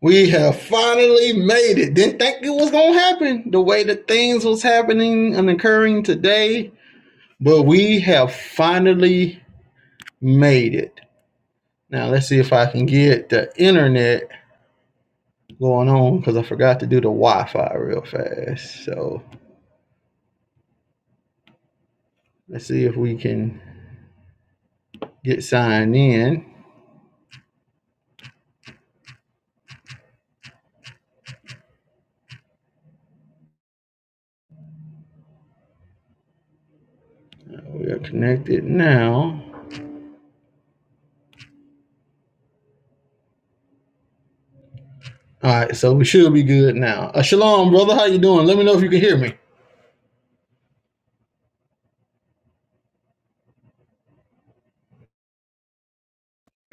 We have finally made it. Didn't think it was gonna happen the way that things was happening and occurring today, but we have finally made it. Now let's see if I can get the internet going on because I forgot to do the Wi-Fi real fast. So let's see if we can get signed in. We are connected now. All right, so we should be good now. Uh, shalom, brother. How you doing? Let me know if you can hear me.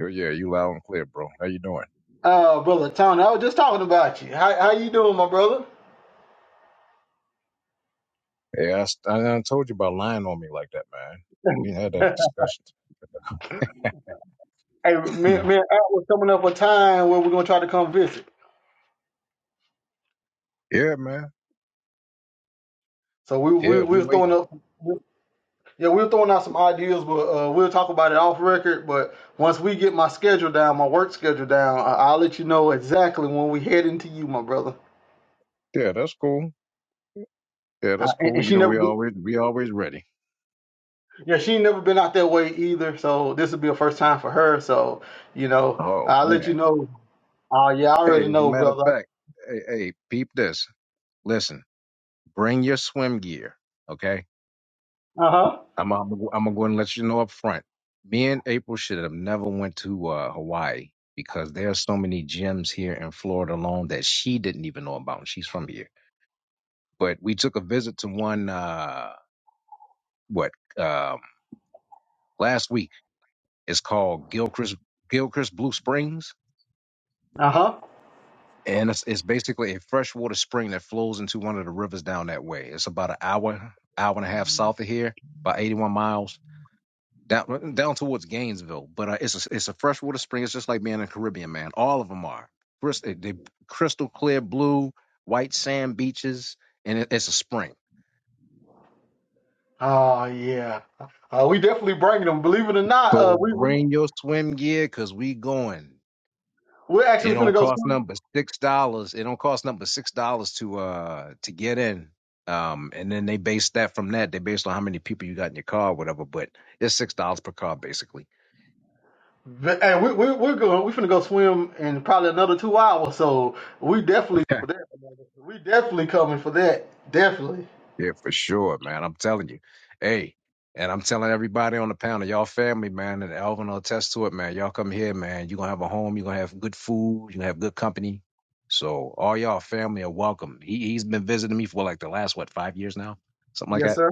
Oh yeah, you loud and clear, bro. How you doing? Uh, brother Tony, I was just talking about you. How how you doing, my brother? Yeah, I, s- I- I told you about lying on me like that, man. We had that discussion. Hey, me, No. me and Art was coming up a time where we're gonna try to come visit. Yeah, man. So we we Yeah, we we were throwing waiting. up, yeah, we were throwing out some ideas, but uh, we'll talk about it off record. But once we get my schedule down, my work schedule down, I, I'll let you know exactly when we head into you, my brother. Yeah, that's cool. Yeah, Uh, that's and, cool. and You she know, never, we be- always we always ready. yeah, she ain't never been out that way either. So this will be a first time for her. So you know, Oh I'll let you man. know. Oh yeah, I Hey, already as a know, matter of brother. fact, hey, hey, peep this. Listen, bring your swim gear. Okay, Uh huh. I'm I'm, I'm going to let you know up front. Me and April should have never went to uh, Hawaii because there are so many gyms here in Florida alone that she didn't even know about. She's from here. but we took a visit to one uh what um last week it's called gilchrist gilchrist blue springs Uh huh. and it's, it's basically a freshwater spring that flows into one of the rivers down that way it's about an hour hour and a half south of here about 81 miles down uh, down towards gainesville but uh, it's a, it's a freshwater spring it's just like being in the caribbean man all of them are Crys- they crystal clear blue white sand beaches and it, it's a spring Oh yeah, uh, we definitely bringing them. Believe it or not, uh, so we we- bring your swim gear because we going we're It actually finna don't go cost swim. nothing but six dollars. It don't cost nothing but six dollars to uh to get in. Um, and then they base that from that. They based on how many people you got in your car, or whatever. But it's six dollars per car, basically. But, Hey, we we we're going. We finna go swim in probably another two hours. So we definitely for that. We definitely coming for that. Definitely. yeah, for sure, man. I'm telling you, hey, and I'm telling everybody on the panel, y'all family, man, and Alvin will attest to it, man. Y'all come here, man. You are gonna have a home. You are gonna have good food. You gonna have good company. So all y'all family are welcome. He he's been visiting me for like the last what five years now, something like that Yes, sir.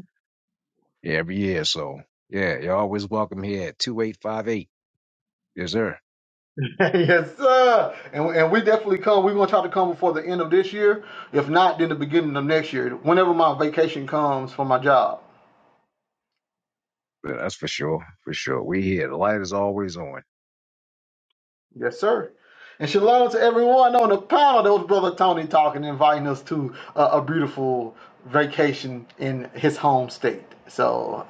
every year. So yeah, you're always welcome here at 2858. Yes, sir. yes, sir. And we, and we definitely come. We're gonna try to come before the end of this year. If not, then the beginning of next year. Whenever my vacation comes for my job. But that's for sure. For sure. We here. The light is always on. Yes, sir. And shalom to everyone on the panel. That was Brother Tony talking, inviting us to a, a beautiful vacation in his home state. So,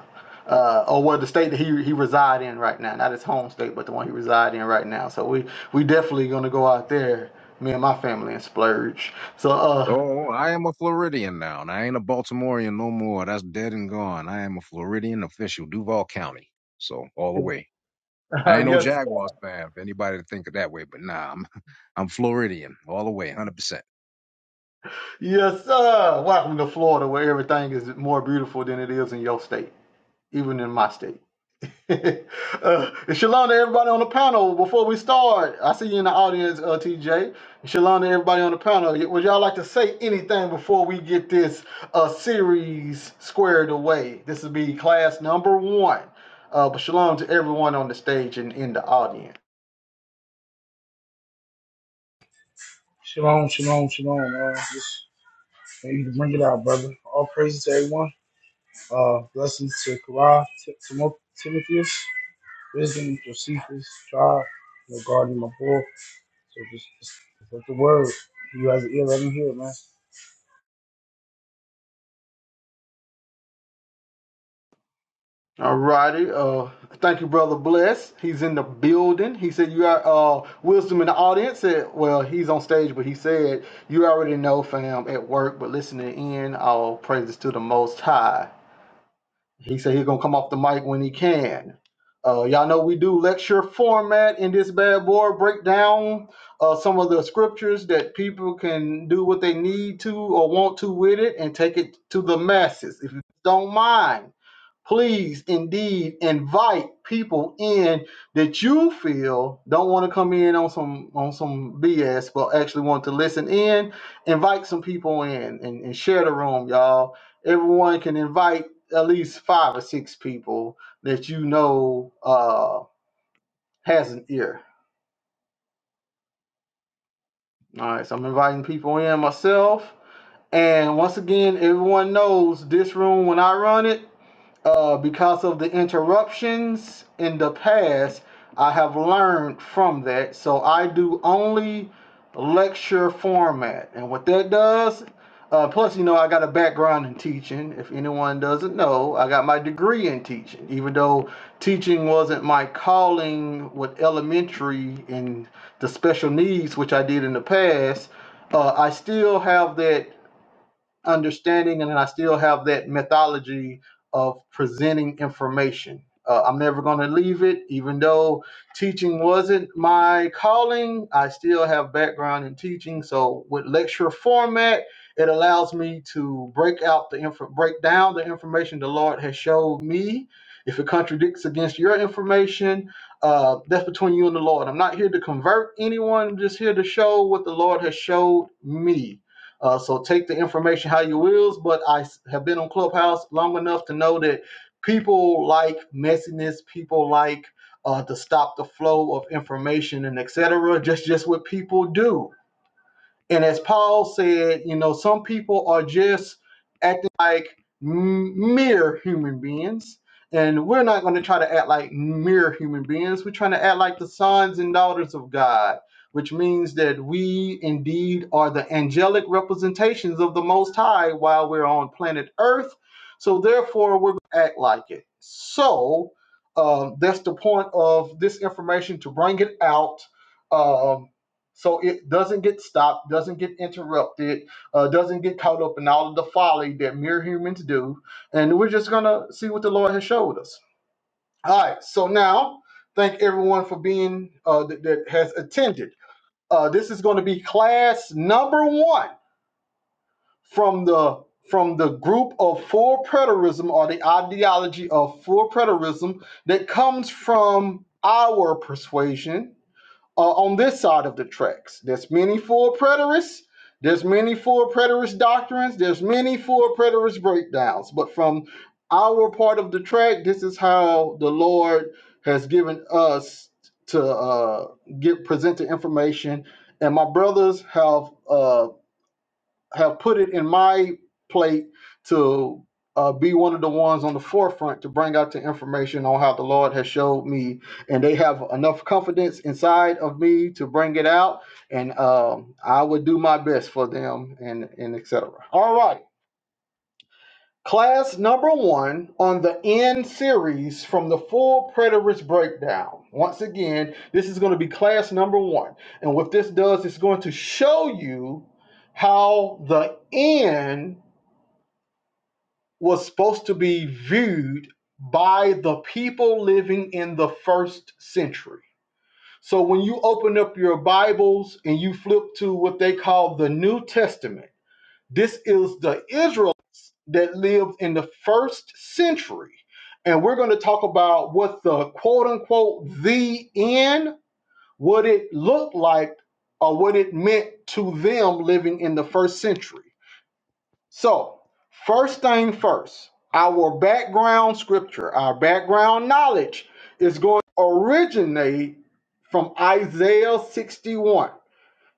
uh, or well, the state that he, he reside in right now, not his home state, but the one he reside in right now. So we we definitely gonna go out there, me and my family, and splurge. So, uh, Oh, I am a Floridian now, and I ain't a Baltimorean no more. That's dead and gone. I am a Floridian official, Duval County. So all the way. I ain't no yes, Jaguars fan. If anybody to think of that way, but nah, I'm I'm Floridian all the way, 100%. yes, sir. Welcome to Florida, where everything is more beautiful than it is in your state, even in my state. uh, shalom to everybody on the panel. Before we start, I see you in the audience, uh, TJ. Shalom to everybody on the panel. Would y'all like to say anything before we get this uh, series squared away? This will be class number one. Uh, but shalom to everyone on the stage and in the audience. Shalom, shalom, shalom. Uh, just may you to bring it out, brother. All praises to everyone. Uh, blessings to Karah, T- Timo- Timotheus, Wisdom, Josephus, Tribe, you know, guarding my boy. So just, just let the word. You guys an ear, let me hear, it, man. All righty. Uh, thank you, brother. Bless. He's in the building. He said you are uh wisdom in the audience. Said, well, he's on stage, but he said you already know, fam, at work, but listening in. All praises to the Most High. He said he's gonna come off the mic when he can. Uh, y'all know we do lecture format in this bad boy. Break down uh, some of the scriptures that people can do what they need to or want to with it and take it to the masses. If you don't mind please indeed invite people in that you feel don't want to come in on some on some BS but actually want to listen in. Invite some people in and, and share the room, y'all. Everyone can invite at least five or six people that you know uh has an ear. All right, so I'm inviting people in myself. And once again, everyone knows this room when I run it. Uh, because of the interruptions in the past, I have learned from that. So I do only lecture format. And what that does, uh, plus, you know, I got a background in teaching. If anyone doesn't know, I got my degree in teaching, even though teaching wasn't my calling with elementary and the special needs, which I did in the past. Uh, I still have that understanding and I still have that methodology of presenting information. Uh, I'm never going to leave it, even though teaching wasn't my calling. I still have background in teaching, so with lecture format, it allows me to break out the info, break down the information the Lord has showed me. If it contradicts against your information, uh, that's between you and the Lord. I'm not here to convert anyone. I'm just here to show what the Lord has showed me uh, so take the information how you wills, but I have been on Clubhouse long enough to know that people like messiness, people like uh, to stop the flow of information and etc. Just just what people do. And as Paul said, you know, some people are just acting like m- mere human beings. And we're not going to try to act like mere human beings. We're trying to act like the sons and daughters of God, which means that we indeed are the angelic representations of the Most High while we're on planet Earth. So therefore, we're going to act like it. So um, that's the point of this information to bring it out Um, so it doesn't get stopped, doesn't get interrupted, uh, doesn't get caught up in all of the folly that mere humans do. And we're just gonna see what the Lord has showed us. All right. So now, thank everyone for being uh, that, that has attended. Uh, this is going to be class number one from the from the group of full preterism or the ideology of full preterism that comes from our persuasion uh, on this side of the tracks. There's many full preterists. There's many full preterist doctrines. There's many full preterist breakdowns. But from our part of the track, this is how the Lord has given us to uh, get presented information. And my brothers have uh, have put it in my plate to uh, be one of the ones on the forefront to bring out the information on how the Lord has showed me, and they have enough confidence inside of me to bring it out, and um, I would do my best for them, and and etc. All right. Class number one on the N series from the full preterist breakdown. Once again, this is going to be class number one. And what this does, it's going to show you how the N was supposed to be viewed by the people living in the first century. So when you open up your Bibles and you flip to what they call the New Testament, this is the Israelites that lived in the first century. And we're going to talk about what the quote unquote the end, what it looked like, or what it meant to them living in the first century. So, first thing first, our background scripture, our background knowledge is going to originate from Isaiah 61.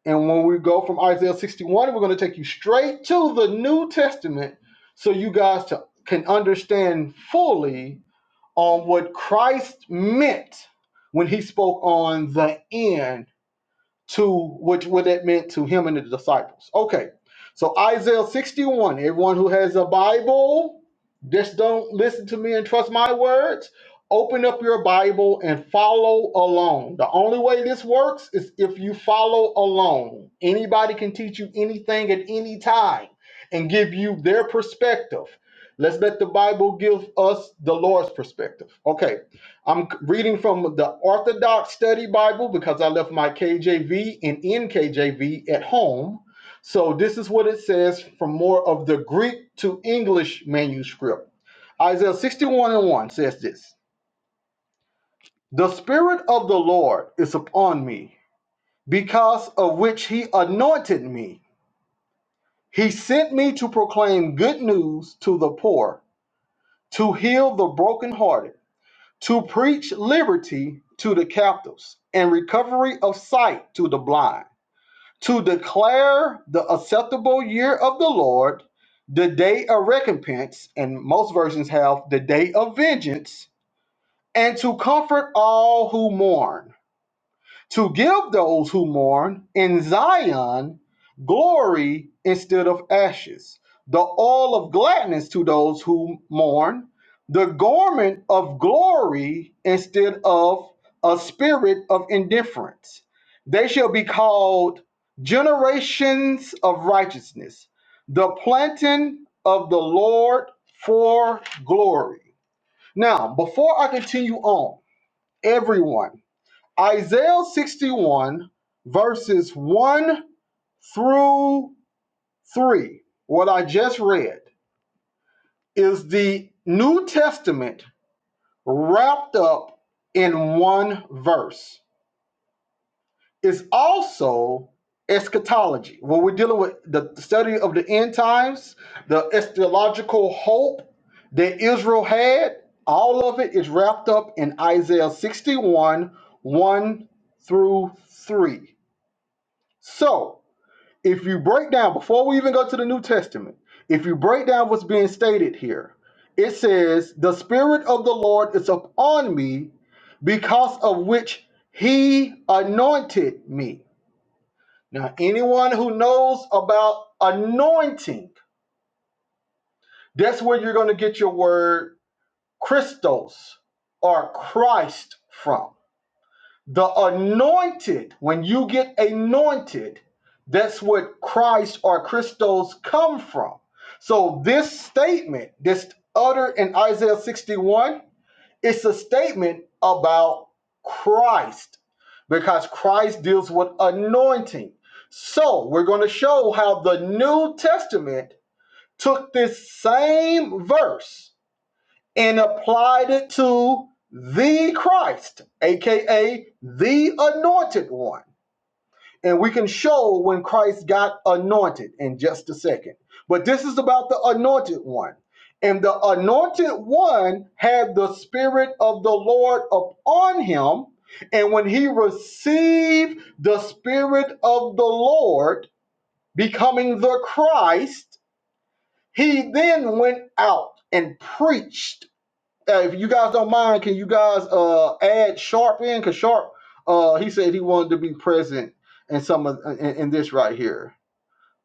And when we go from Isaiah 61, we're going to take you straight to the New Testament so you guys to, can understand fully on what Christ meant when he spoke on the end to which what that meant to him and the disciples. Okay, so Isaiah 61. Everyone who has a Bible, just don't listen to me and trust my words. Open up your Bible and follow along. The only way this works is if you follow along. Anybody can teach you anything at any time and give you their perspective. Let's let the Bible give us the Lord's perspective. Okay. I'm c- reading from the Orthodox Study Bible because I left my KJV and NKJV at home. So this is what it says from more of the Greek to English manuscript. Isaiah 61 and 1 says this The Spirit of the Lord is upon me, because of which he anointed me. He sent me to proclaim good news to the poor, to heal the brokenhearted to preach liberty to the captives and recovery of sight to the blind, to declare the acceptable year of the Lord, the day of recompense, and most versions have the day of vengeance, and to comfort all who mourn to give those who mourn in Zion glory instead of ashes, the oil of gladness to those who mourn, the garment of glory instead of a spirit of indifference. They shall be called generations of righteousness, the planting of the Lord for glory. Now, before I continue on, everyone, Isaiah 61, verses 1 through 3, what I just read, is the New Testament wrapped up in one verse. It's also eschatology. When we're dealing with the study of the end times, the eschatological hope that Israel had, all of it is wrapped up in Isaiah 61, 1 through 3. So, if you break down before we even go to the New Testament, if you break down what's being stated here, it says, "The spirit of the Lord is upon me because of which he anointed me." Now, anyone who knows about anointing, that's where you're going to get your word Christos or Christ from. The anointed, when you get anointed, that's where Christ or Christos come from. So this statement, this uttered in Isaiah 61, it's a statement about Christ because Christ deals with anointing. So we're going to show how the New Testament took this same verse and applied it to the Christ, aka the anointed one. And we can show when Christ got anointed in just a second. But this is about the anointed one. And the anointed one had the Spirit of the Lord upon him. And when he received the Spirit of the Lord, becoming the Christ, he then went out and preached uh, if you guys don't mind, can you guys uh add Sharp in? Cause Sharp, uh, he said he wanted to be present in some of in, in this right here.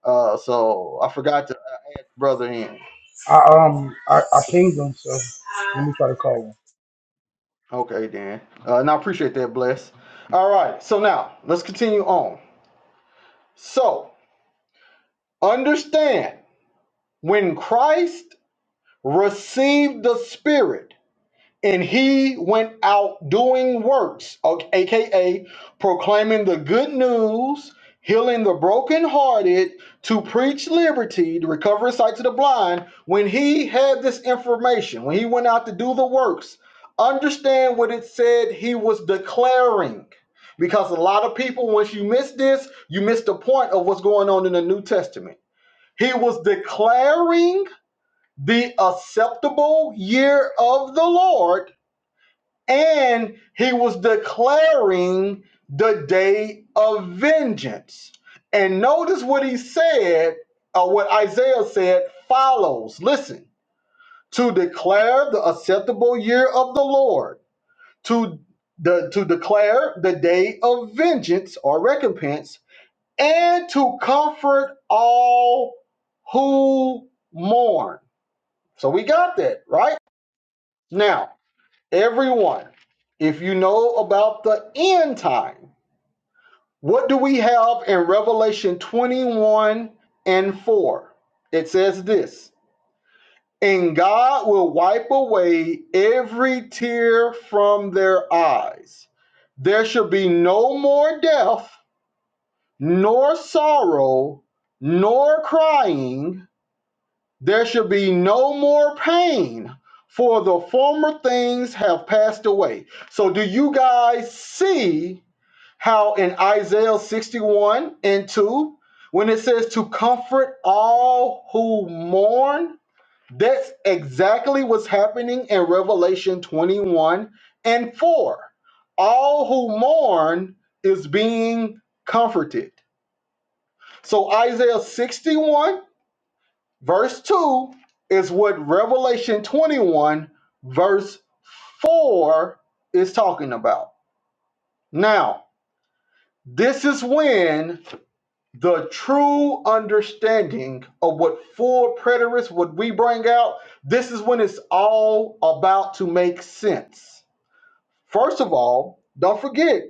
Uh, so I forgot to add brother in. I um I, I pinged him, so let me try to call him. Okay then. Uh, and I appreciate that, bless. All right. So now let's continue on. So understand when Christ received the Spirit. And he went out doing works, aka proclaiming the good news, healing the brokenhearted, to preach liberty, to recover sight to the blind. When he had this information, when he went out to do the works, understand what it said he was declaring. Because a lot of people, once you miss this, you miss the point of what's going on in the New Testament. He was declaring the acceptable year of the Lord and he was declaring the day of vengeance. And notice what he said, or what Isaiah said follows. Listen, to declare the acceptable year of the Lord, to the to declare the day of vengeance or recompense, and to comfort all who mourn. So we got that, right? Now, Everyone, if you know about the end time, what do we have in Revelation 21 and 4? It says this And God will wipe away every tear from their eyes. There shall be no more death, nor sorrow, nor crying There should be no more pain, for the former things have passed away. So, do you guys see how in Isaiah 61 and 2, when it says to comfort all who mourn, that's exactly what's happening in Revelation 21 and 4. All who mourn is being comforted. So, Isaiah 61 Verse 2 is what Revelation 21, verse 4 is talking about. Now, this is when the true understanding of what full preterists would we bring out, this is when it's all about to make sense. First of all, don't forget,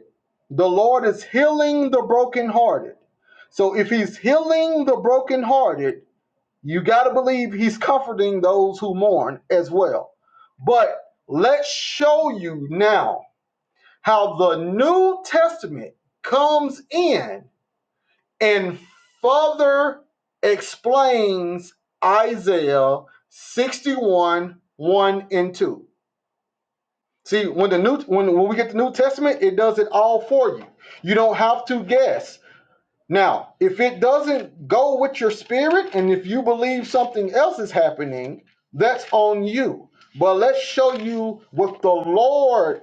the Lord is healing the brokenhearted. So if he's healing the brokenhearted, you got to believe he's comforting those who mourn as well. But let's show you now how the New Testament comes in and further explains Isaiah 61 1 and 2. See, when the new when, when we get the New Testament, it does it all for you. You don't have to guess. Now, if it doesn't go with your spirit and if you believe something else is happening, that's on you. But let's show you what the Lord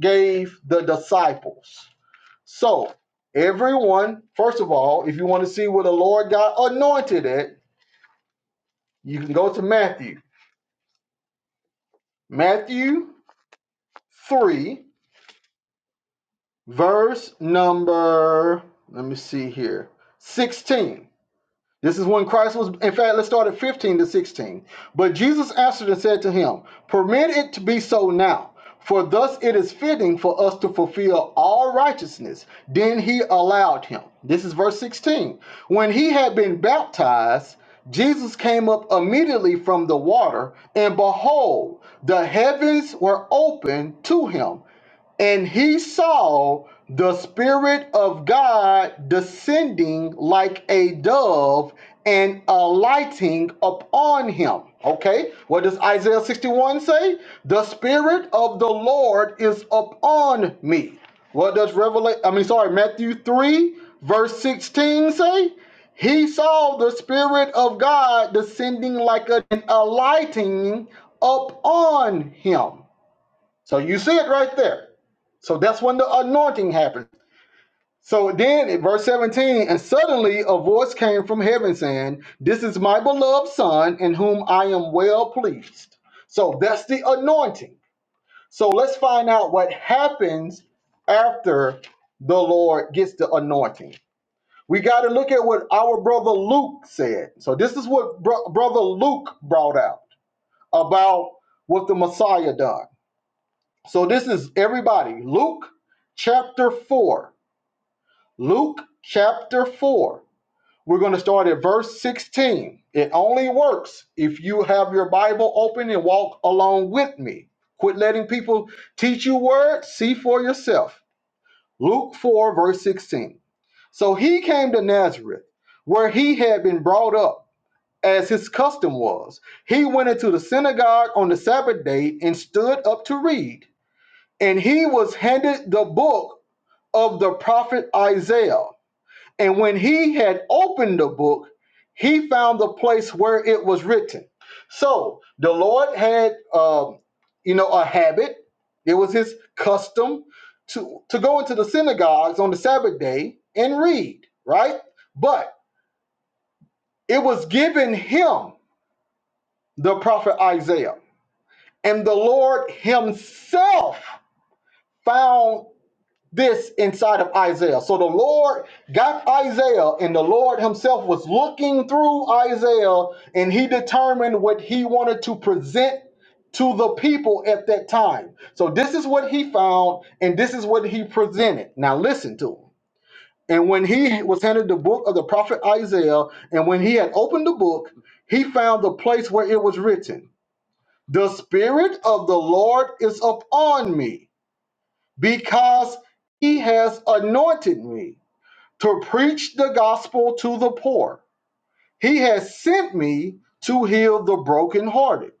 gave the disciples. So, everyone, first of all, if you want to see where the Lord got anointed at, you can go to Matthew. Matthew 3, verse number, let me see here, 16. This is when Christ was, in fact, let's start at 15 to 16. But Jesus answered and said to him, Permit it to be so now, for thus it is fitting for us to fulfill all righteousness. Then he allowed him. This is verse 16. When he had been baptized, Jesus came up immediately from the water, and behold, the heavens were opened to him. And he saw the Spirit of God descending like a dove and alighting upon him. Okay, what does Isaiah 61 say? The Spirit of the Lord is upon me. What does Revelation, I mean, sorry, Matthew 3, verse 16 say? He saw the Spirit of God descending like a, and alighting upon him. So you see it right there. So that's when the anointing happened. So then, in verse 17, and suddenly a voice came from heaven saying, This is my beloved Son, in whom I am well pleased. So that's the anointing. So let's find out what happens after the Lord gets the anointing. We got to look at what our brother Luke said. So this is what bro- brother Luke brought out about what the Messiah done. So this is everybody. Luke chapter 4. Luke chapter 4. We're going to start at verse 16. It only works if you have your Bible open and walk along with me. Quit letting people teach you words, see for yourself. Luke 4, verse 16. So he came to Nazareth, where he had been brought up, as his custom was. He went into the synagogue on the Sabbath day and stood up to read. And he was handed the book of the prophet Isaiah. And when he had opened the book, he found the place where it was written. So the Lord had, um, you know, a habit. It was his custom to, to go into the synagogues on the Sabbath day and read, right? But it was given him the prophet Isaiah. And the Lord himself found this inside of Isaiah. So the Lord got Isaiah, and the Lord Himself was looking through Isaiah, and He determined what He wanted to present to the people at that time. So this is what He found, and this is what He presented. Now listen to Him. And when He was handed the book of the prophet Isaiah, and when He had opened the book, He found the place where it was written, The Spirit of the Lord is upon me because he has anointed me to preach the gospel to the poor. He has sent me to heal the brokenhearted,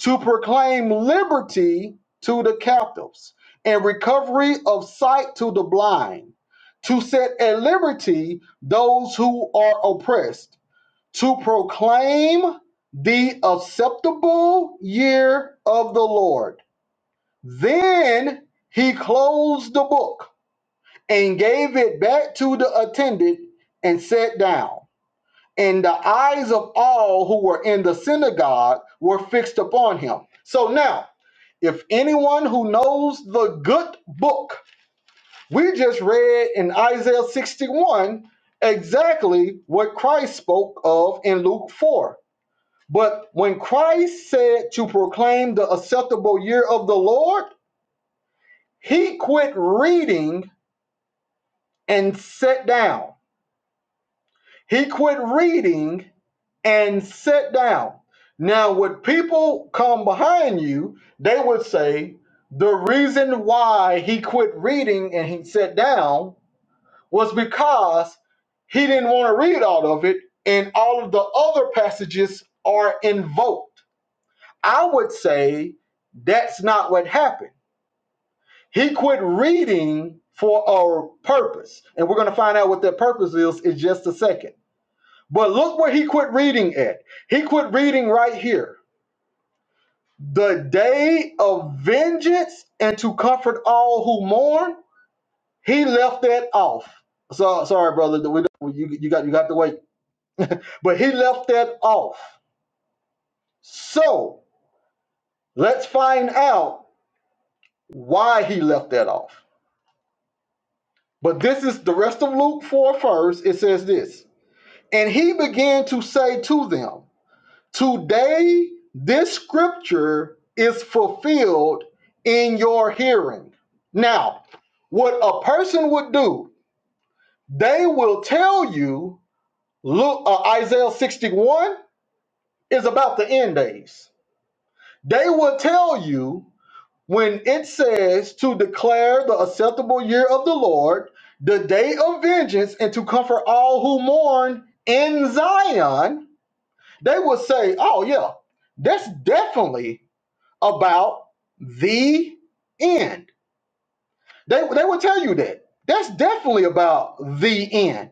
to proclaim liberty to the captives, and recovery of sight to the blind, to set at liberty those who are oppressed, to proclaim the acceptable year of the Lord. Then he closed the book and gave it back to the attendant and sat down. And the eyes of all who were in the synagogue were fixed upon him. So now, if anyone who knows the good book, we just read in Isaiah 61 exactly what Christ spoke of in Luke 4. But when Christ said to proclaim the acceptable year of the Lord, he quit reading and sat down. He quit reading and sat down. Now, would people come behind you, they would say the reason why he quit reading and he sat down was because he didn't want to read all of it, and all of the other passages are invoked. I would say that's not what happened. He quit reading for a purpose, and we're going to find out what that purpose is in just a second. But look where he quit reading at. He quit reading right here. The day of vengeance and to comfort all who mourn, he left that off. So sorry, brother. We don't, you, you got you got to wait. But he left that off. So let's find out why he left that off. But this is the rest of Luke 4 first. It says this. And he began to say to them, Today, this scripture is fulfilled in your hearing. Now, what a person would do, they will tell you, look, uh, Isaiah 61 is about the end days. They will tell you when it says to declare the acceptable year of the Lord, the day of vengeance, and to comfort all who mourn in Zion, they will say, oh, yeah, that's definitely about the end. They, they will tell you that. That's definitely about the end.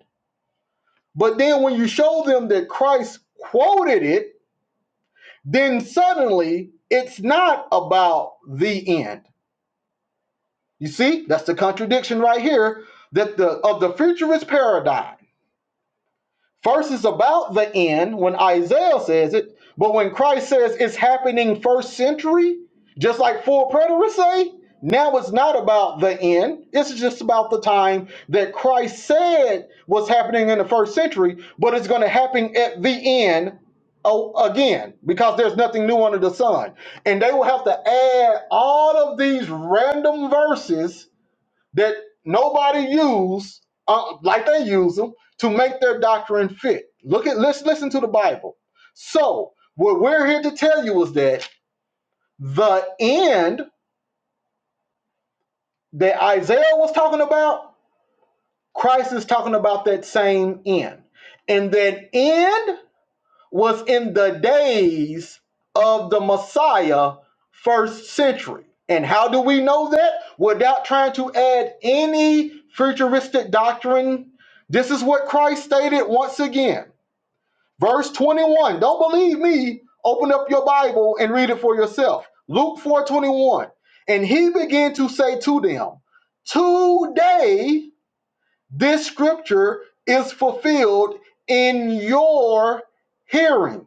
But then when you show them that Christ quoted it, then suddenly it's not about the end. You see, that's the contradiction right here that the of the futurist paradigm First is about the end when Isaiah says it, but when Christ says it's happening first century, just like full preterists say, now it's not about the end. It's just about the time that Christ said was happening in the first century, but it's going to happen at the end oh, again because there's nothing new under the sun. And they will have to add all of these random verses that nobody use uh, like they use them to make their doctrine fit. Look at let's listen to the Bible. So what we're here to tell you is that the end that Isaiah was talking about, Christ is talking about that same end, and that end was in the days of the Messiah, first century. And how do we know that? Without trying to add any futuristic doctrine. This is what Christ stated once again. Verse 21. Don't believe me. Open up your Bible and read it for yourself. Luke 4 21, And he began to say to them, Today this scripture is fulfilled in your hearing.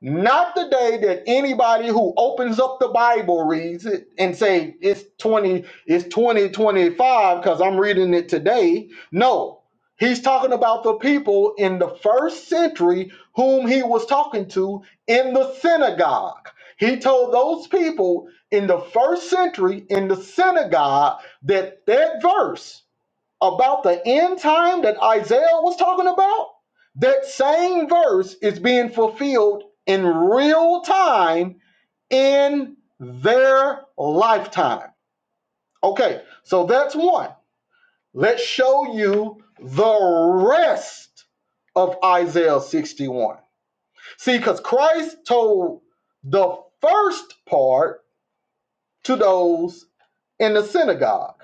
Not the day that anybody who opens up the Bible reads it and say it's 20, it's 2025 because I'm reading it today. No, he's talking about the people in the first century whom he was talking to in the synagogue. He told those people in the first century in the synagogue that that verse about the end time that Isaiah was talking about, that same verse is being fulfilled in real time in their lifetime. Okay, so that's one. Let's show you the rest of Isaiah 61. See, because Christ told the first part to those in the synagogue.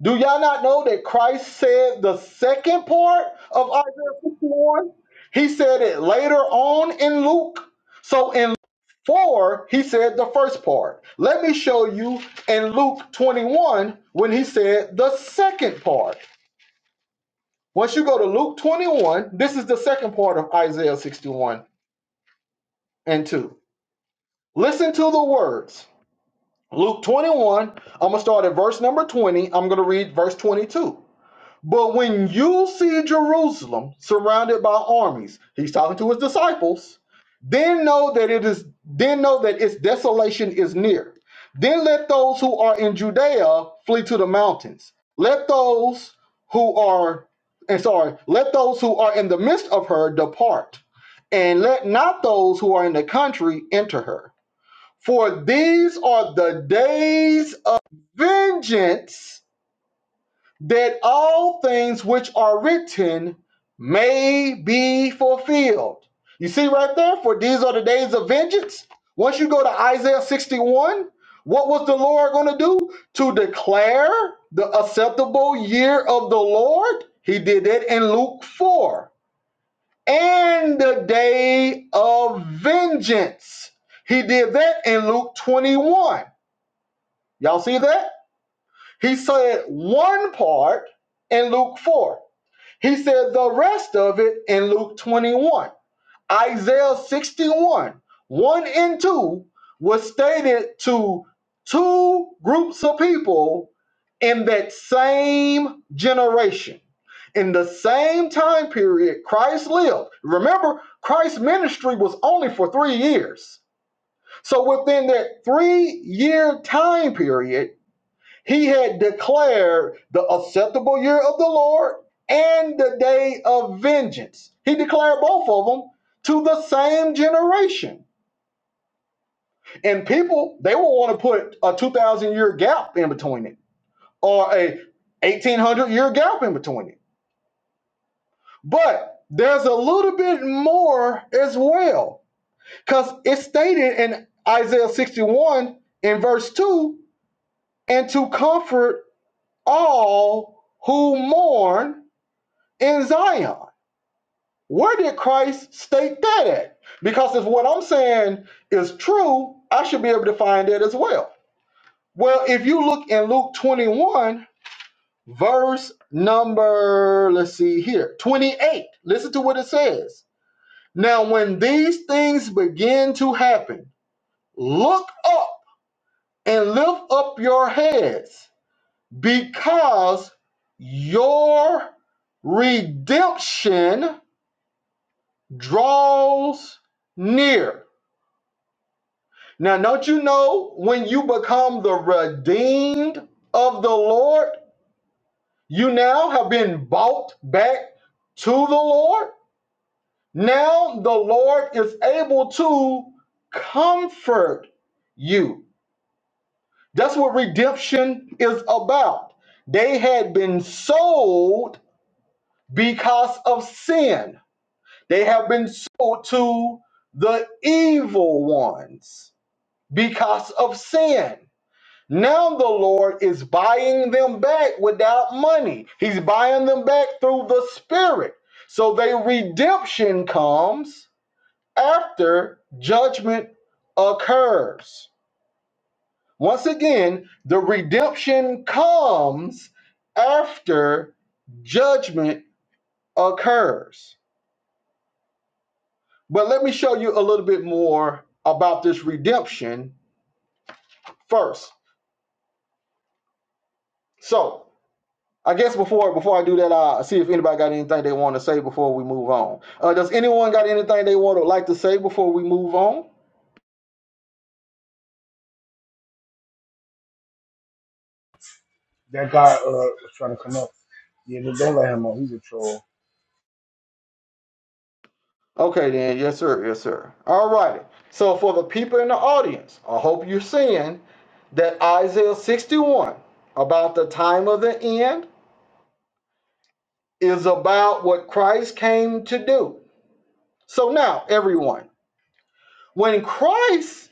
Do y'all not know that Christ said the second part of Isaiah 61? He said it later on in Luke. So in 4, he said the first part. Let me show you in Luke 21 when he said the second part. Once you go to Luke 21, this is the second part of Isaiah 61 and 2. Listen to the words. Luke 21, I'm going to start at verse number 20. I'm going to read verse 22. But when you see Jerusalem surrounded by armies, he's talking to his disciples, then know that it is then know that its desolation is near. Then let those who are in Judea flee to the mountains. Let those who are and sorry, let those who are in the midst of her depart, and let not those who are in the country enter her. For these are the days of vengeance that all things which are written may be fulfilled. You see right there, for these are the days of vengeance. Once you go to Isaiah 61, what was the Lord going to do? To declare the acceptable year of the Lord. He did that in Luke 4. And the day of vengeance. He did that in Luke 21. Y'all see that? He said one part in Luke 4 he said the rest of it in Luke 21. Isaiah 61, 1 and 2 was stated to two groups of people in that same generation. In the same time period, Christ lived. Remember, Christ's ministry was only for three years. So within that three year time period, he had declared the acceptable year of the Lord and the day of vengeance. He declared both of them to the same generation. And people, they will want to put a 2,000 year gap in between it or a 1,800 year gap in between it. But there's a little bit more as well because it's stated in Isaiah 61 in verse 2 and to comfort all who mourn in Zion. Where did Christ state that at? Because if what I'm saying is true, I should be able to find it as well. Well, if you look in Luke 21, verse number, let's see here, 28, listen to what it says. Now, when these things begin to happen, look up and lift up your heads because your redemption draws near. Now, don't you know when you become the redeemed of the Lord, you now have been bought back to the Lord? Now the Lord is able to comfort you. That's what redemption is about. They had been sold because of sin, they have been sold to the evil ones because of sin. Now the Lord is buying them back without money. He's buying them back through the Spirit. So their redemption comes after judgment occurs. Once again, the redemption comes after judgment occurs. But let me show you a little bit more about this redemption first. So, I guess before before I do that, I'll see if anybody got anything they want to say before we move on. Uh, does anyone got anything they want to like to say before we move on? That guy uh was trying to come up. Yeah, don't don't let him on. He's a troll. Okay, then. Yes, sir. Yes, sir. All righty. So for the people in the audience, I hope you're seeing that Isaiah 61 about the time of the end is about what Christ came to do. So now, everyone, when Christ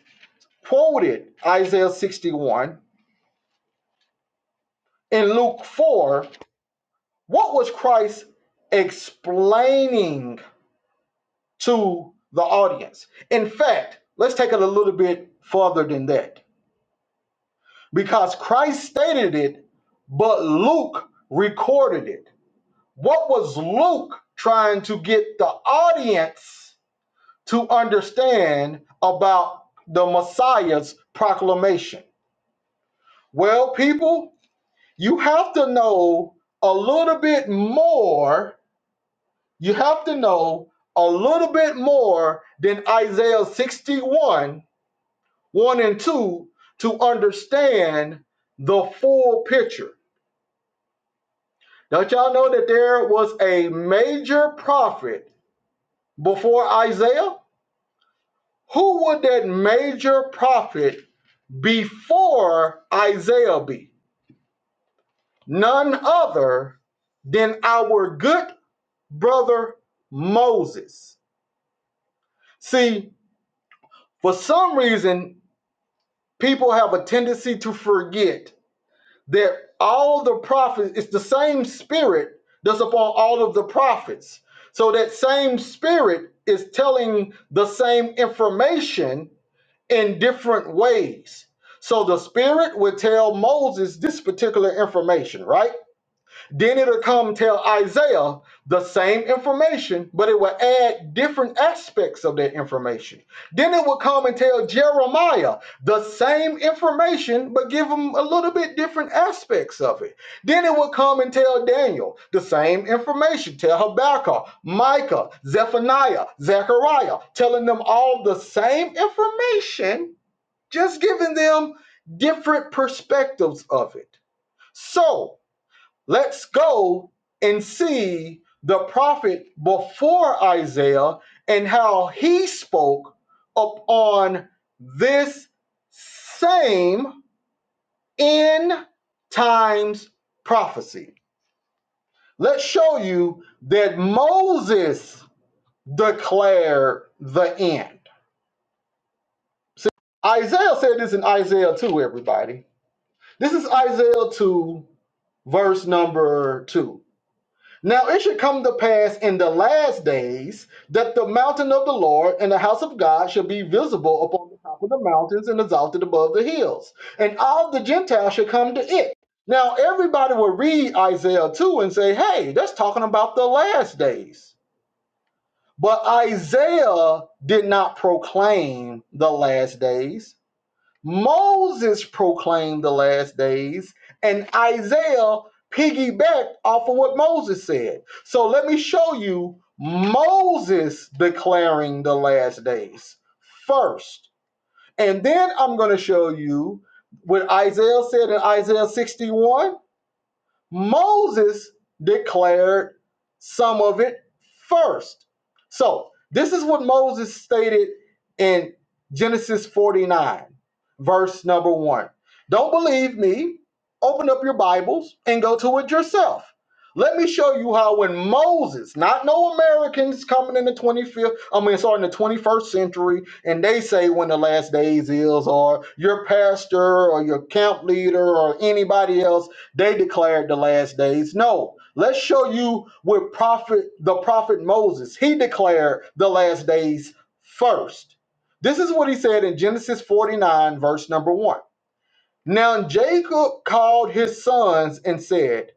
quoted Isaiah 61 in Luke 4, What was Christ explaining to the audience? In fact, let's take it a little bit further than that because Christ stated it, but Luke recorded it. What was Luke trying to get the audience to understand about the Messiah's proclamation? Well, people, you have to know a little bit more you have to know a little bit more than Isaiah 61, 1 and 2, to understand the full picture. Don't y'all know that there was a major prophet before Isaiah? Who would that major prophet before Isaiah be? None other than our good brother Moses. See, for some reason, people have a tendency to forget that all the prophets, it's the same spirit that's upon all of the prophets. So that same spirit is telling the same information in different ways. So the spirit would tell Moses this particular information, right? Then it'll come tell Isaiah the same information, but it will add different aspects of that information. Then it will come and tell Jeremiah the same information, but give him a little bit different aspects of it. Then it will come and tell Daniel the same information, tell Habakkuk, Micah, Zephaniah, Zechariah, telling them all the same information, just giving them different perspectives of it. So, Let's go and see the prophet before Isaiah and how he spoke upon this same end times prophecy. Let's show you that Moses declared the end. See, Isaiah said this in Isaiah 2, everybody. This is Isaiah 2, verse number 2. Now it should come to pass in the last days that the mountain of the Lord and the house of God shall be visible upon the top of the mountains and exalted above the hills, and all the Gentiles shall come to it. Now everybody will read Isaiah 2 and say, hey, that's talking about the last days. But Isaiah did not proclaim the last days. Moses proclaimed the last days, and Isaiah piggybacked off of what Moses said. So let me show you Moses declaring the last days first. And then I'm going to show you what Isaiah said in Isaiah 61 Moses declared some of it first. So, this is what Moses stated in Genesis 49, verse number one. Don't believe me? Open up your Bibles and go to it yourself. Let me show you how when Moses, not no Americans coming in the 25th, I mean, sorry, in the 21st century, and they say when the last days is, or your pastor, or your camp leader, or anybody else they declared the last days. No, let's show you with prophet the prophet Moses. He declared the last days first. This is what he said in Genesis 49, verse number one. Now Jacob called his sons and said,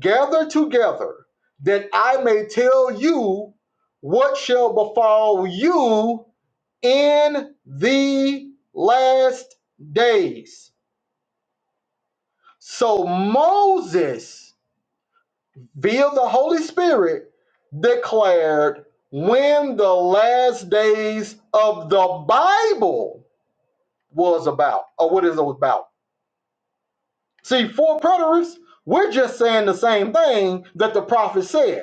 Gather together, that I may tell you what shall befall you in the last days. So Moses via the Holy Spirit declared when the last days of the Bible was about, or what is it about. See, for preterists, we're just saying the same thing that the prophet said.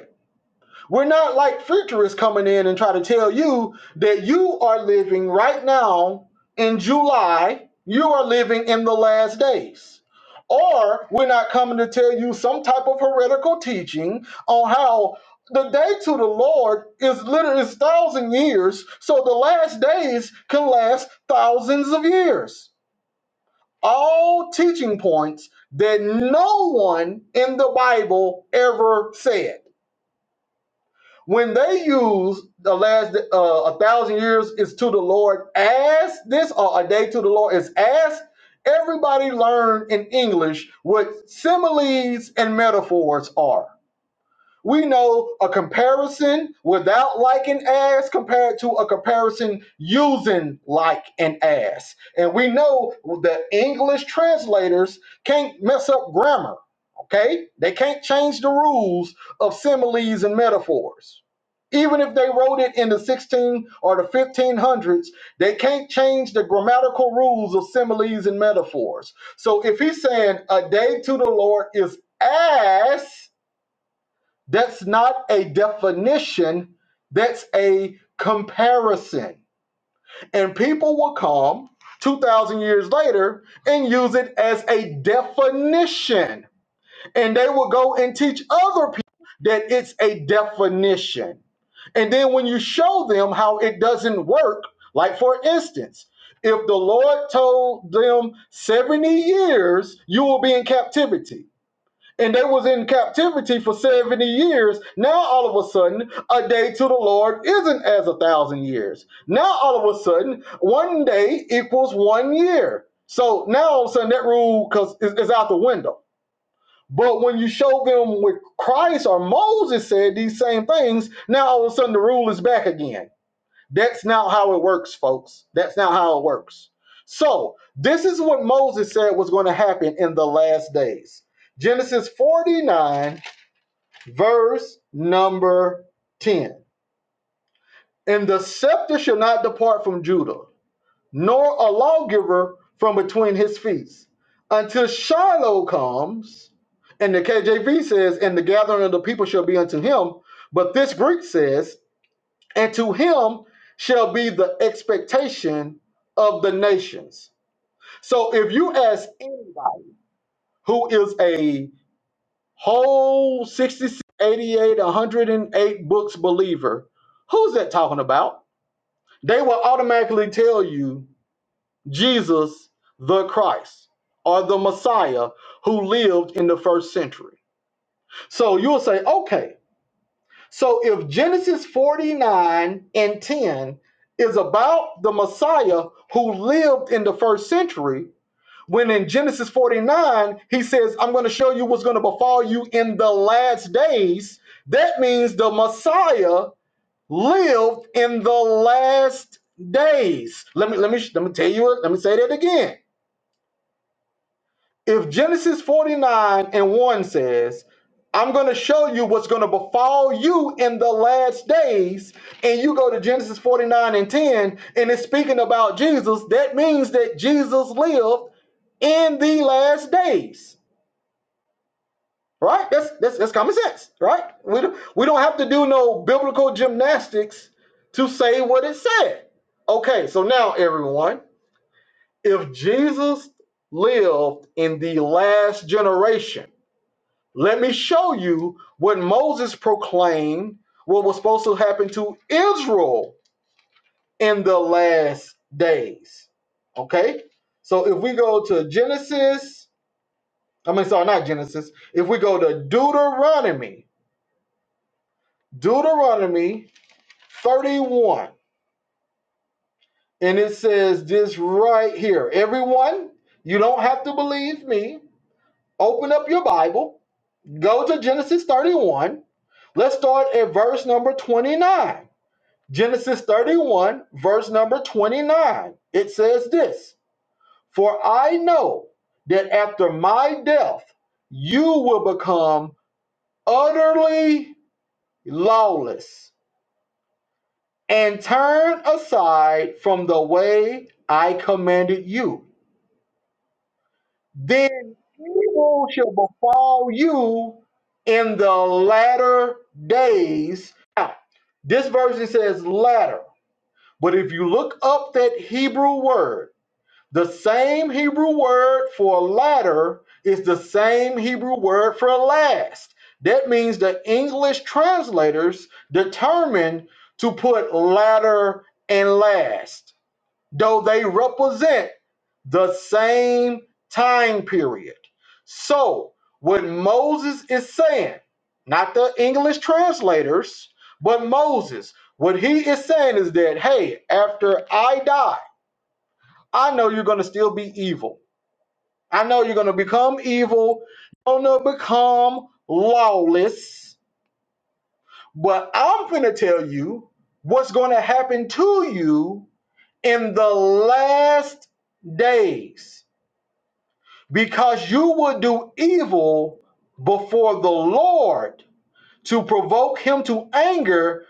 We're not like futurists coming in and try to tell you that you are living right now in July, you are living in the last days. Or we're not coming to tell you some type of heretical teaching on how the day to the Lord is literally is thousand years, so the last days can last thousands of years. All teaching points that no one in the Bible ever said. When they use the last uh, a thousand years is to the Lord as this, or a day to the Lord is as, everybody learned in English what similes and metaphors are we know a comparison without like and as compared to a comparison using like and as. And we know that English translators can't mess up grammar, okay? They can't change the rules of similes and metaphors. Even if they wrote it in the 16 or the 1500s, they can't change the grammatical rules of similes and metaphors. So if he's saying a day to the Lord is as that's not a definition, that's a comparison. And people will come 2,000 years later and use it as a definition. And they will go and teach other people that it's a definition. And then when you show them how it doesn't work, like for instance, if the Lord told them 70 years, you will be in captivity and they was in captivity for 70 years now all of a sudden a day to the lord isn't as a thousand years now all of a sudden one day equals one year so now all of a sudden that rule because is, is out the window but when you show them with christ or moses said these same things now all of a sudden the rule is back again that's not how it works, folks. That's not how it works. So, this is what Moses said was going to happen in the last days. Genesis 49, verse number 10. And the scepter shall not depart from Judah, nor a lawgiver from between his feet, until Shiloh comes. And the KJV says, and the gathering of the people shall be unto him. But this Greek says, and to him shall be the expectation of the nations. So if you ask anybody who is a whole 66, 108 books believer, who's that talking about? They will automatically tell you Jesus the Christ or the Messiah who lived in the first century. So you'll say, okay, So if Genesis 49 and 10 is about the Messiah who lived in the first century, when in Genesis 49 he says, I'm going to show you what's going to befall you in the last days, that means the Messiah lived in the last days. Let me let me let me tell you Let me say that again if Genesis 49 and 1 says, I'm going to show you what's going to befall you in the last days, and you go to Genesis 49 and 10, and it's speaking about Jesus, that means that Jesus lived in the last days. Right? That's that's, that's common sense, right? We don't, we don't have to do no biblical gymnastics to say what it said. Okay, so now everyone, if Jesus lived in the last generation, Let me show you what Moses proclaimed, what was supposed to happen to Israel in the last days. Okay? So if we go to Genesis, I mean, sorry, not Genesis. If we go to Deuteronomy, Deuteronomy 31, and it says this right here Everyone, you don't have to believe me. Open up your Bible, go to Genesis 31. Let's start at verse number 29. Genesis 31, verse number 29, it says this For I know that after my death, you will become utterly lawless and turn aside from the way I commanded you. Then evil shall befall you in the latter days. Now, this version says latter, but if you look up that Hebrew word, The same Hebrew word for latter is the same Hebrew word for last. That means the English translators determined to put latter and last, though they represent the same time period. So, what Moses is saying, not the English translators, but Moses, what he is saying is that, hey, after I die, I know you're going to still be evil. I know you're going to become evil. You're going to become lawless. But I'm going to tell you what's going to happen to you in the last days because you will do evil before the Lord to provoke him to anger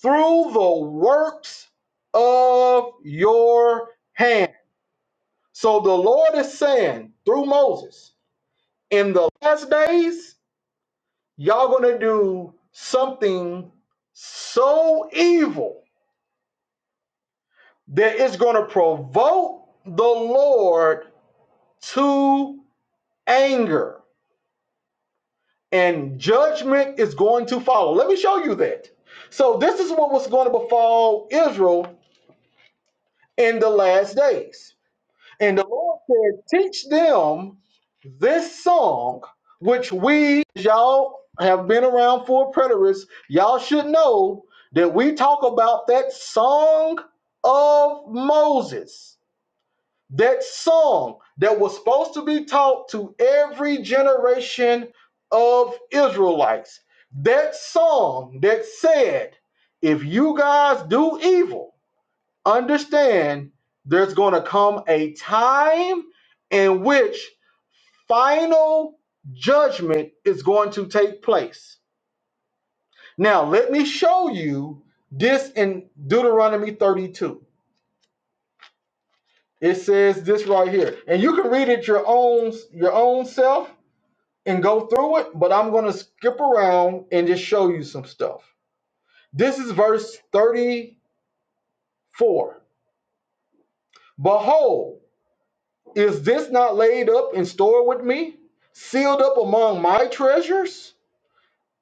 through the works of your hand. So the Lord is saying through Moses, in the last days, y'all gonna do something so evil that it's gonna provoke the Lord to anger, and judgment is going to follow. Let me show you that. So, this is what was going to befall Israel in the last days. And the Lord said, Teach them this song, which we, y'all have been around for preterists, y'all should know that we talk about that song of Moses. That song that was supposed to be taught to every generation of Israelites. That song that said, If you guys do evil, understand there's going to come a time in which final judgment is going to take place. Now, let me show you this in Deuteronomy 32. It says this right here. And you can read it your own your own self and go through it, but I'm going to skip around and just show you some stuff. This is verse 34. Behold, Is this not laid up in store with me, sealed up among my treasures?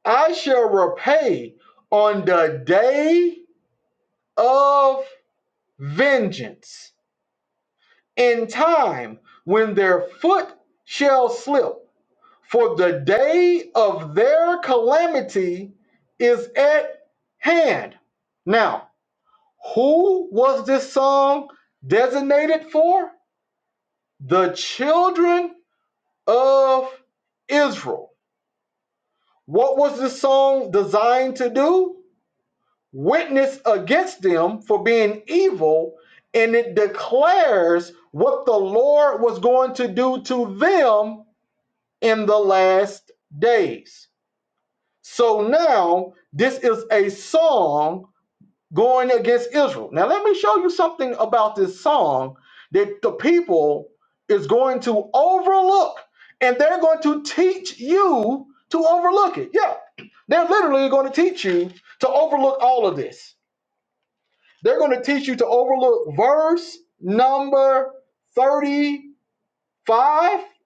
I shall repay on the day of vengeance, in time when their foot shall slip. For the day of their calamity is at hand. Now, who was this song designated for? The children of Israel. What was the song designed to do? Witness against them for being evil, and it declares what the Lord was going to do to them in the last days. So now, this is a song going against Israel. Now, let me show you something about this song that the people is going to overlook, and they're going to teach you to overlook it. Yeah, they're literally going to teach you to overlook all of this. They're going to teach you to overlook verse number 35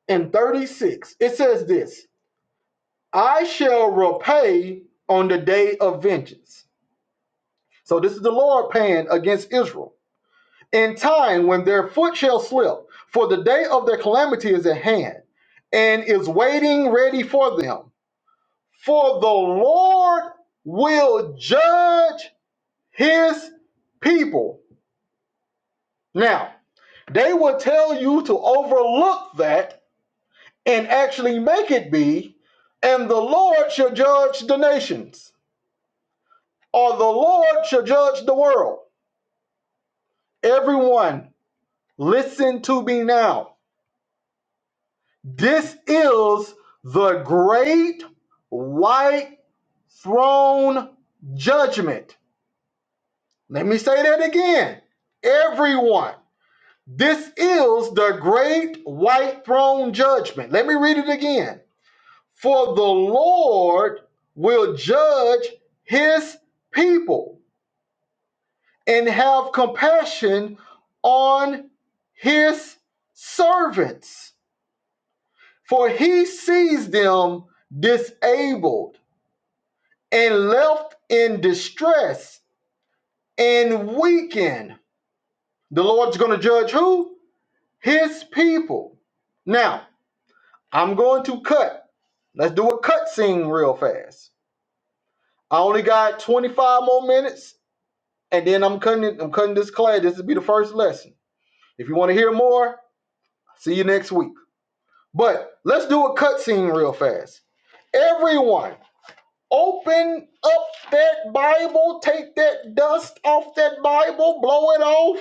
and 36. It says this I shall repay on the day of vengeance. So, this is the Lord paying against Israel. in time when their foot shall slip, for the day of their calamity is at hand and is waiting ready for them. For the Lord will judge his people. Now, they will tell you to overlook that and actually make it be, and the Lord shall judge the nations, or the Lord shall judge the world. Everyone, listen to me now This is the great white throne judgment. Let me say that again. Everyone, this is the great white throne judgment. Let me read it again. For the Lord will judge his people and have compassion on his servants, for he sees them disabled and left in distress and weakened. The Lord's going to judge who? His people. Now, I'm going to cut. Let's do a cut scene real fast. I only got 25 more minutes, and then I'm cutting it, I'm cutting this class. This will be the first lesson. If you want to hear more, see you next week. But let's do a cut scene real fast. Everyone Open up that Bible, take that dust off that Bible, blow it off.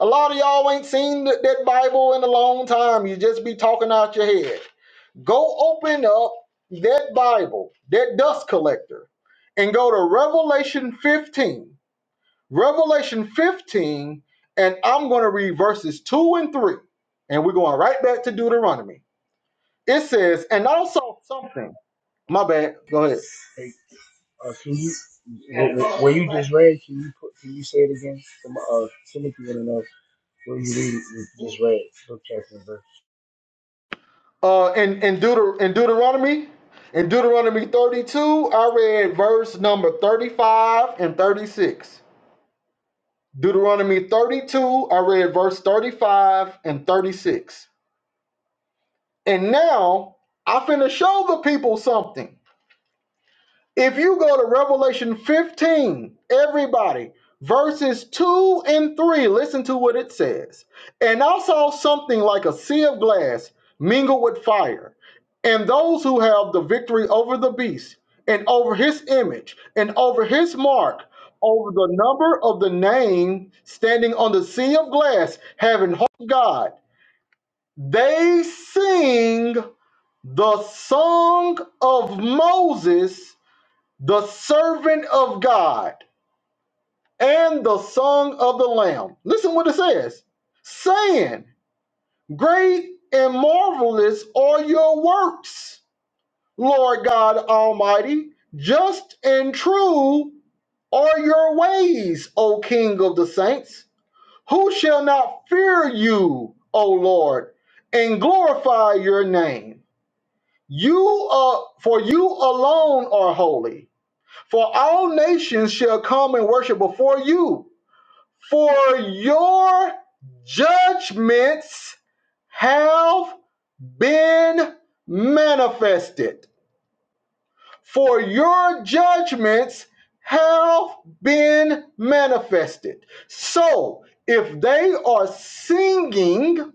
A lot of y'all ain't seen that, that Bible in a long time. You just be talking out your head. Go open up that Bible, that dust collector, and go to Revelation 15. Revelation 15, and I'm going to read verses 2 and 3. And we're going right back to Deuteronomy. It says, and also something. My bad. Go ahead. Hey, uh, can you wh- wh- where you just read? Can you put? Can you say it again? From uh, Timothy and another. What do you read? You Just read. Book chapter and Uh, in in, Deuter- in Deuteronomy, in Deuteronomy 32, I read verse number 35 and 36. Deuteronomy 32, I read verse 35 and 36. And now I finna show the people something. If you go to Revelation 15, everybody, verses 2 and 3, listen to what it says. And I saw something like a sea of glass mingled with fire, and those who have the victory over the beast, and over his image, and over his mark, over the number of the name standing on the sea of glass, having hope of God. They sing the song of Moses the servant of God and the song of the Lamb. Listen what it says saying, Great and marvelous are your works, Lord God Almighty. Just and true are your ways, O King of the saints. Who shall not fear you, O Lord, and glorify your name? You, uh, for you alone are holy For all nations shall come and worship before you, for your judgments have been manifested. For your judgments have been manifested. So, if they are singing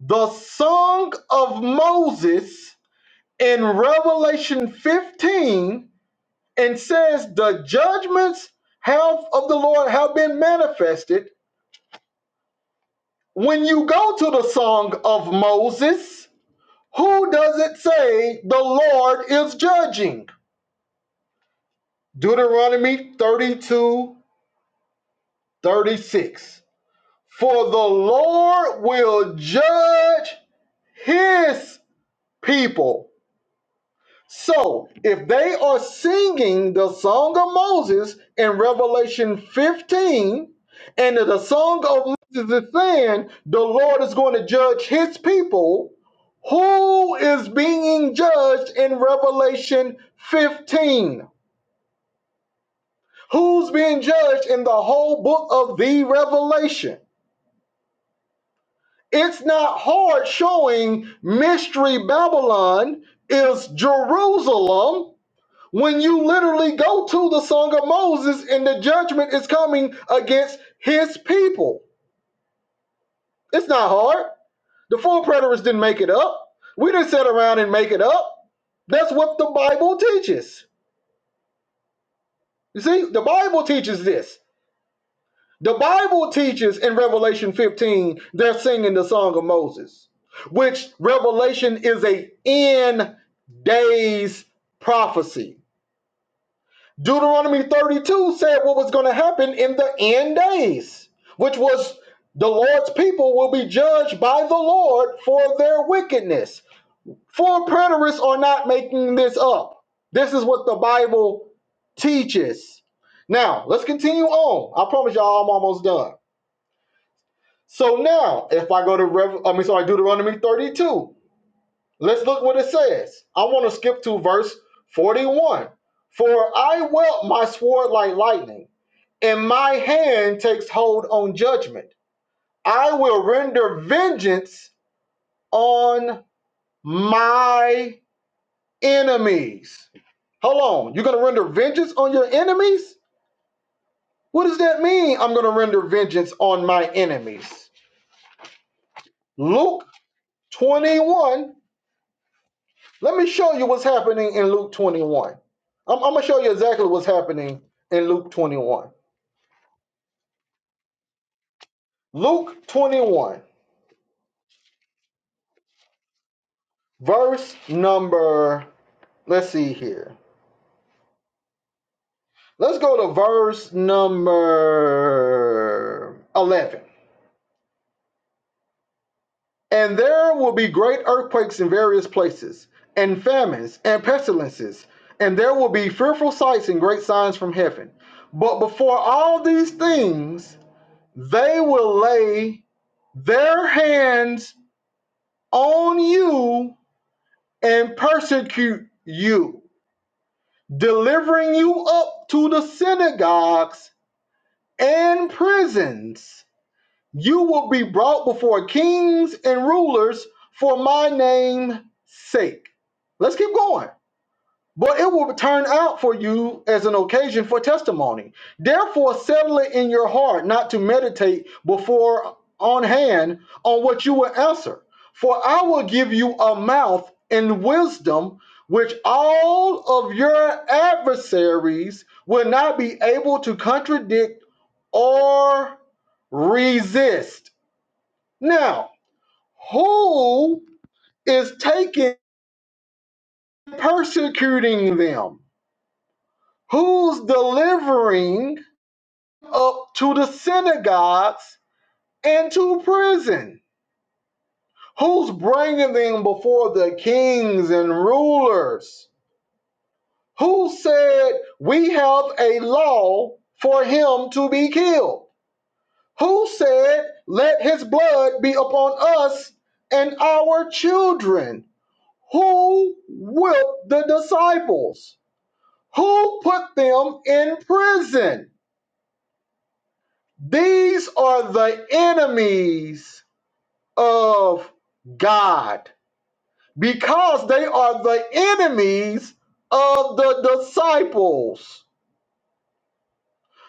the song of Moses in Revelation 15, and says the judgments have of the Lord have been manifested. When you go to the song of Moses, who does it say the Lord is judging? Deuteronomy 32 36. For the Lord will judge his people So, if they are singing the song of Moses in Revelation 15, and the song of Moses is saying the Lord is going to judge his people, who is being judged in Revelation 15? Who's being judged in the whole book of the Revelation? It's not hard showing Mystery Babylon is Jerusalem when you literally go to the Song of Moses and the judgment is coming against his people. It's not hard. The four preterists didn't make it up. We didn't sit around and make it up. That's what the Bible teaches. You see, the Bible teaches this. The Bible teaches in Revelation 15, they're singing the Song of Moses, which Revelation is a end days prophecy Deuteronomy 32 said what was going to happen in the end days, which was the Lord's people will be judged by the Lord for their wickedness. Full preterists are not making this up. This is what the Bible teaches. Now, let's continue on. I promise y'all I'm almost done. So now, if I go to Rev- I mean sorry, Deuteronomy 32, let's look what it says. I want to skip to verse 41. For I welt my sword like lightning and my hand takes hold on judgment. I will render vengeance on my enemies. Hold on. You're going to render vengeance on your enemies? What does that mean? I'm going to render vengeance on my enemies. Luke 21. Let me show you what's happening in Luke 21. I'm, I'm going to show you exactly what's happening in Luke 21. Luke 21, verse number, let's see here. Let's go to verse number 11. And there will be great earthquakes in various places, and famines, and pestilences, and there will be fearful sights and great signs from heaven. But before all these things, they will lay their hands on you and persecute you, delivering you up to the synagogues and prisons You will be brought before kings and rulers for my name's sake. Let's keep going. But it will turn out for you as an occasion for testimony. Therefore, settle it in your heart not to meditate before on hand on what you will answer. For I will give you a mouth and wisdom which all of your adversaries will not be able to contradict or resist. Now, who is taking persecuting them? Who's delivering up to the synagogues and to prison? Who's bringing them before the kings and rulers? Who said we have a law for him to be killed? Who said let his blood be upon us and our children? Who whipped the disciples? Who put them in prison? These are the enemies of God because they are the enemies of the disciples.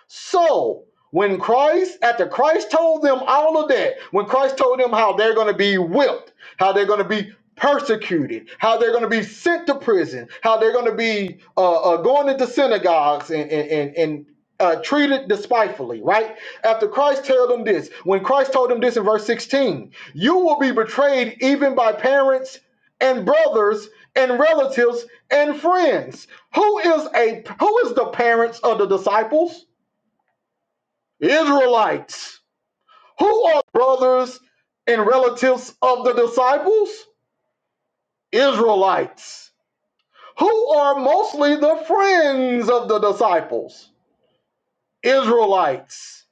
So when Christ, after Christ told them all of that, when Christ told them how they're going to be whipped, how they're going to be persecuted, how they're going to be sent to prison, how they're going to be uh, uh, going into synagogues and and and, and uh, treated despitefully, right? After Christ told them this, when Christ told them this in verse 16, you will be betrayed even by parents and brothers and relatives and friends. Who is a who is the parents of the disciples? Israelites. Who are brothers and relatives of the disciples? Israelites. Who are mostly the friends of the disciples? Israelites.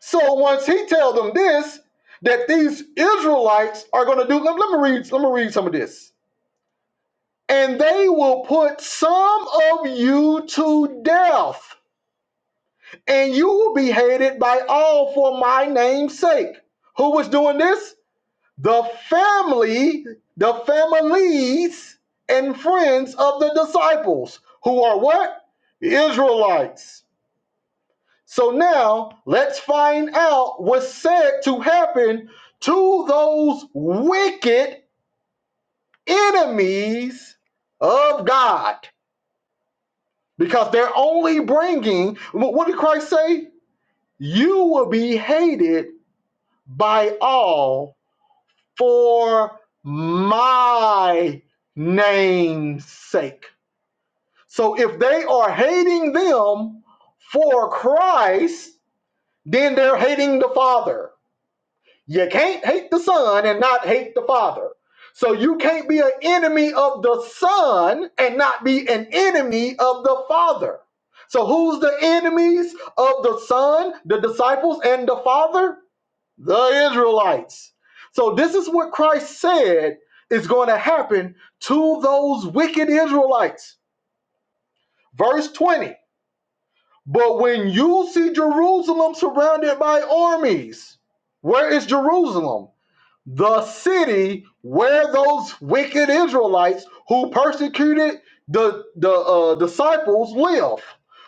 So once he tells them this, that these Israelites are going to do, let, let me read, let me read some of this. And they will put some of you to death, and you will be hated by all for my name's sake. Who was doing this? the family, the families and friends of the disciples who are what? Israelites. So now let's find out what's said to happen to those wicked enemies of God because they're only bringing, what did Christ say? You will be hated by all for my name's sake. So if they are hating them for Christ, then they're hating the Father. You can't hate the Son and not hate the Father. So you can't be an enemy of the Son and not be an enemy of the Father. So who's the enemies of the Son, the disciples, and the Father? the Israelites. So this is what Christ said is going to happen to those wicked Israelites. Verse 20. But when you see Jerusalem surrounded by armies, where is Jerusalem? the city where those wicked Israelites who persecuted the the uh, disciples live.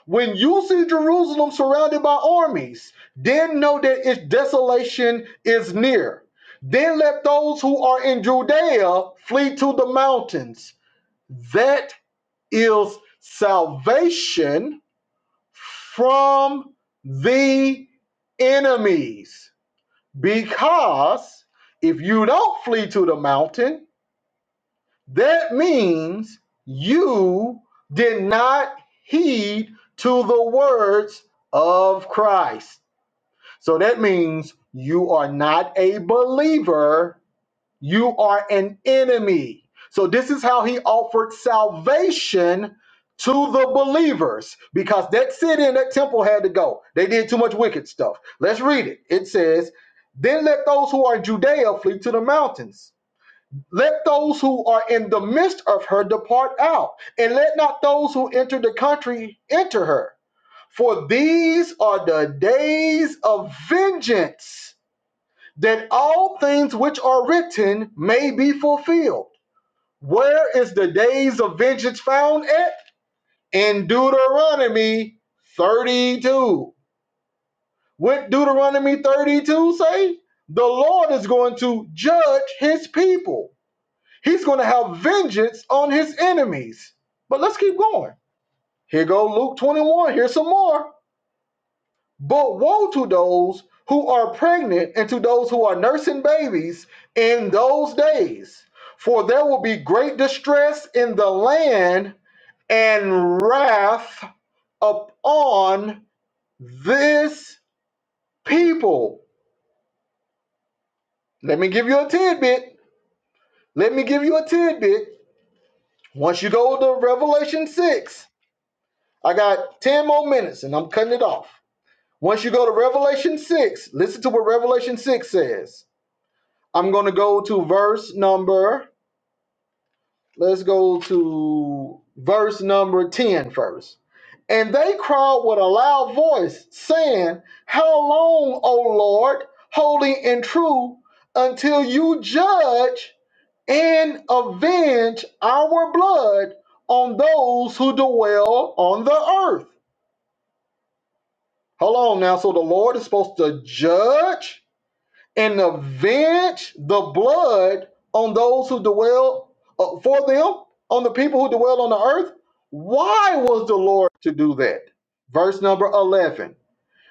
When you see Jerusalem surrounded by armies, then know that its desolation is near. Then let those who are in Judea flee to the mountains. That is salvation from the enemies. Because if you don't flee to the mountain, that means you did not heed to the words of Christ. So that means you are not a believer you are an enemy. So, this is how he offered salvation to the believers because that city and that temple had to go. They did too much wicked stuff. Let's read it. It says, Then let those who are in Judea flee to the mountains. Let those who are in the midst of her depart out, and let not those who enter the country enter her. For these are the days of vengeance that all things which are written may be fulfilled. Where is the days of vengeance found at? In Deuteronomy 32. What Deuteronomy 32 say? The Lord is going to judge his people. He's going to have vengeance on his enemies. But let's keep going. Here go Luke 21. Here's some more. But woe to those who are pregnant and to those who are nursing babies in those days, for there will be great distress in the land and wrath upon this people. Let me give you a tidbit. Let me give you a tidbit. Once you go to Revelation 6, I got 10 more minutes and I'm cutting it off. Once you go to Revelation 6, listen to what Revelation 6 says. I'm going to go to verse number, let's go to verse number 10 first. And they cried with a loud voice, saying, How long, O Lord, holy and true, until you judge and avenge our blood on those who dwell on the earth? Hold on now. So the Lord is supposed to judge and avenge the blood on those who dwell uh, for them, on the people who dwell on the earth. Why was the Lord to do that? Verse number 11.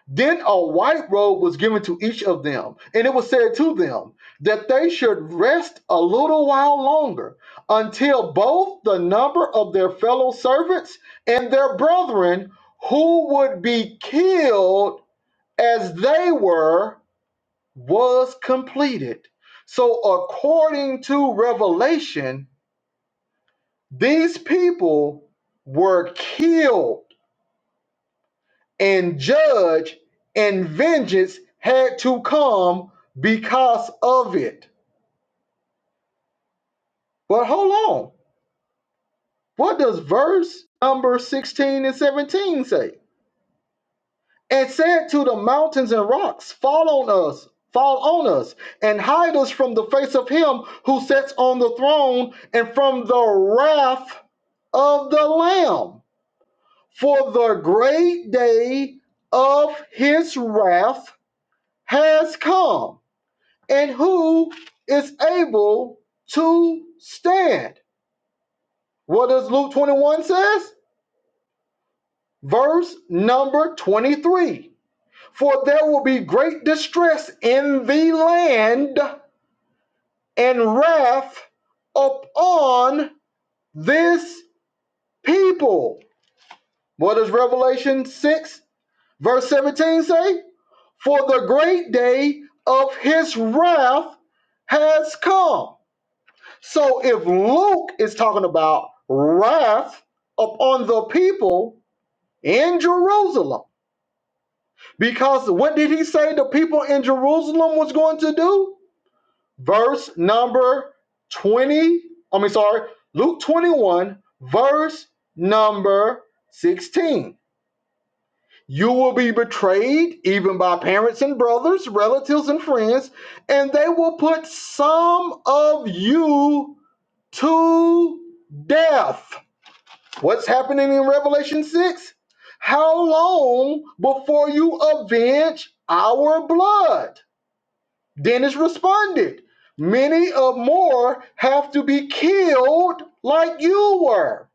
Then a white robe was given to each of them, and it was said to them that they should rest a little while longer until both the number of their fellow servants and their brethren who would be killed as they were was completed. So, according to Revelation, these people were killed and judged, and vengeance had to come because of it. But hold on, what does verse number 16 and 17 say? and said to the mountains and rocks, Fall on us, fall on us, and hide us from the face of him who sits on the throne and from the wrath of the Lamb. For the great day of his wrath has come, and who is able to stand? What does Luke 21 says? Verse number 23. For there will be great distress in the land and wrath upon this people. What does Revelation 6, verse 17 say? For the great day of his wrath has come. So if Luke is talking about wrath upon the people in Jerusalem, because what did he say the people in Jerusalem was going to do? verse number 20. I mean, sorry, Luke 21, verse number 16. You will be betrayed even by parents and brothers, relatives and friends, and they will put some of you to death. What's happening in Revelation 6? How long before you avenge our blood? Dennis responded, Many of more have to be killed like you were.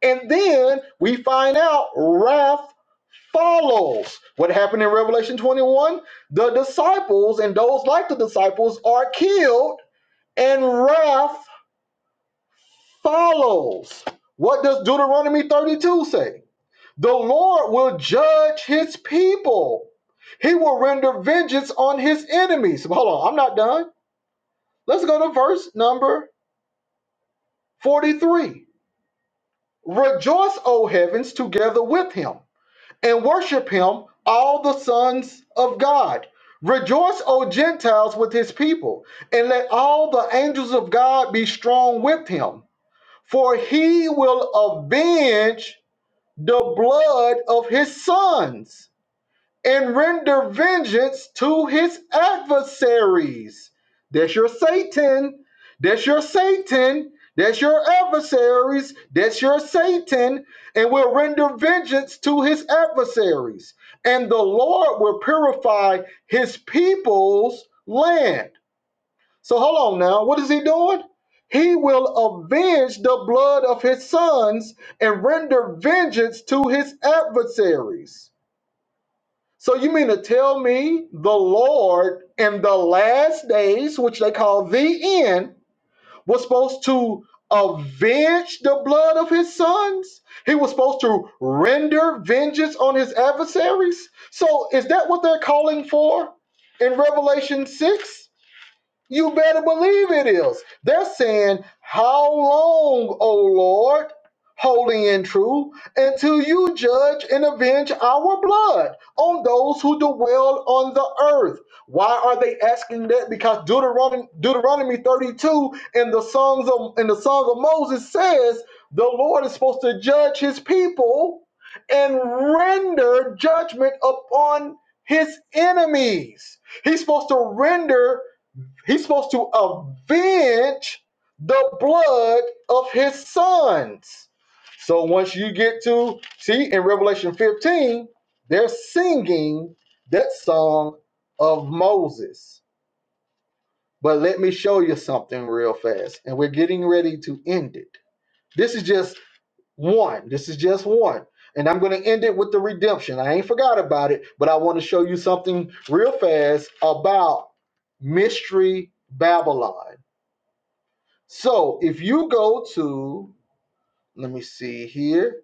And then we find out wrath follows. What happened in Revelation 21? The disciples and those like the disciples are killed, and wrath follows. What does Deuteronomy 32 say? The Lord will judge his people. He will render vengeance on his enemies. Hold on, I'm not done. Let's go to verse number 43. Rejoice, O heavens, together with him, and worship him, all the sons of God. Rejoice, O Gentiles, with his people, and let all the angels of God be strong with him, for he will avenge the blood of his sons and render vengeance to his adversaries. That's your Satan. That's your Satan. That's your adversaries. That's your Satan. And will render vengeance to his adversaries. And the Lord will purify his people's land. So hold on now. What is he doing? He will avenge the blood of his sons and render vengeance to his adversaries. So you mean to tell me the Lord in the last days, which they call the end, was supposed to avenge the blood of his sons? He was supposed to render vengeance on his adversaries? So is that what they're calling for in Revelation 6? You better believe it is. They're saying, How long, O Lord, holy and true, until you judge and avenge our blood on those who dwell on the earth? Why are they asking that? Because Deuteronomy, Deuteronomy 32 in the songs of in the Song of Moses says the Lord is supposed to judge his people and render judgment upon his enemies. He's supposed to render He's supposed to avenge the blood of his sons. So once you get to see in Revelation 15, they're singing that song of Moses. But let me show you something real fast, and we're getting ready to end it. This is just one. This is just one. And I'm going to end it with the redemption. I ain't forgot about it, but I want to show you something real fast about Mystery Babylon. So if you go to, let me see here,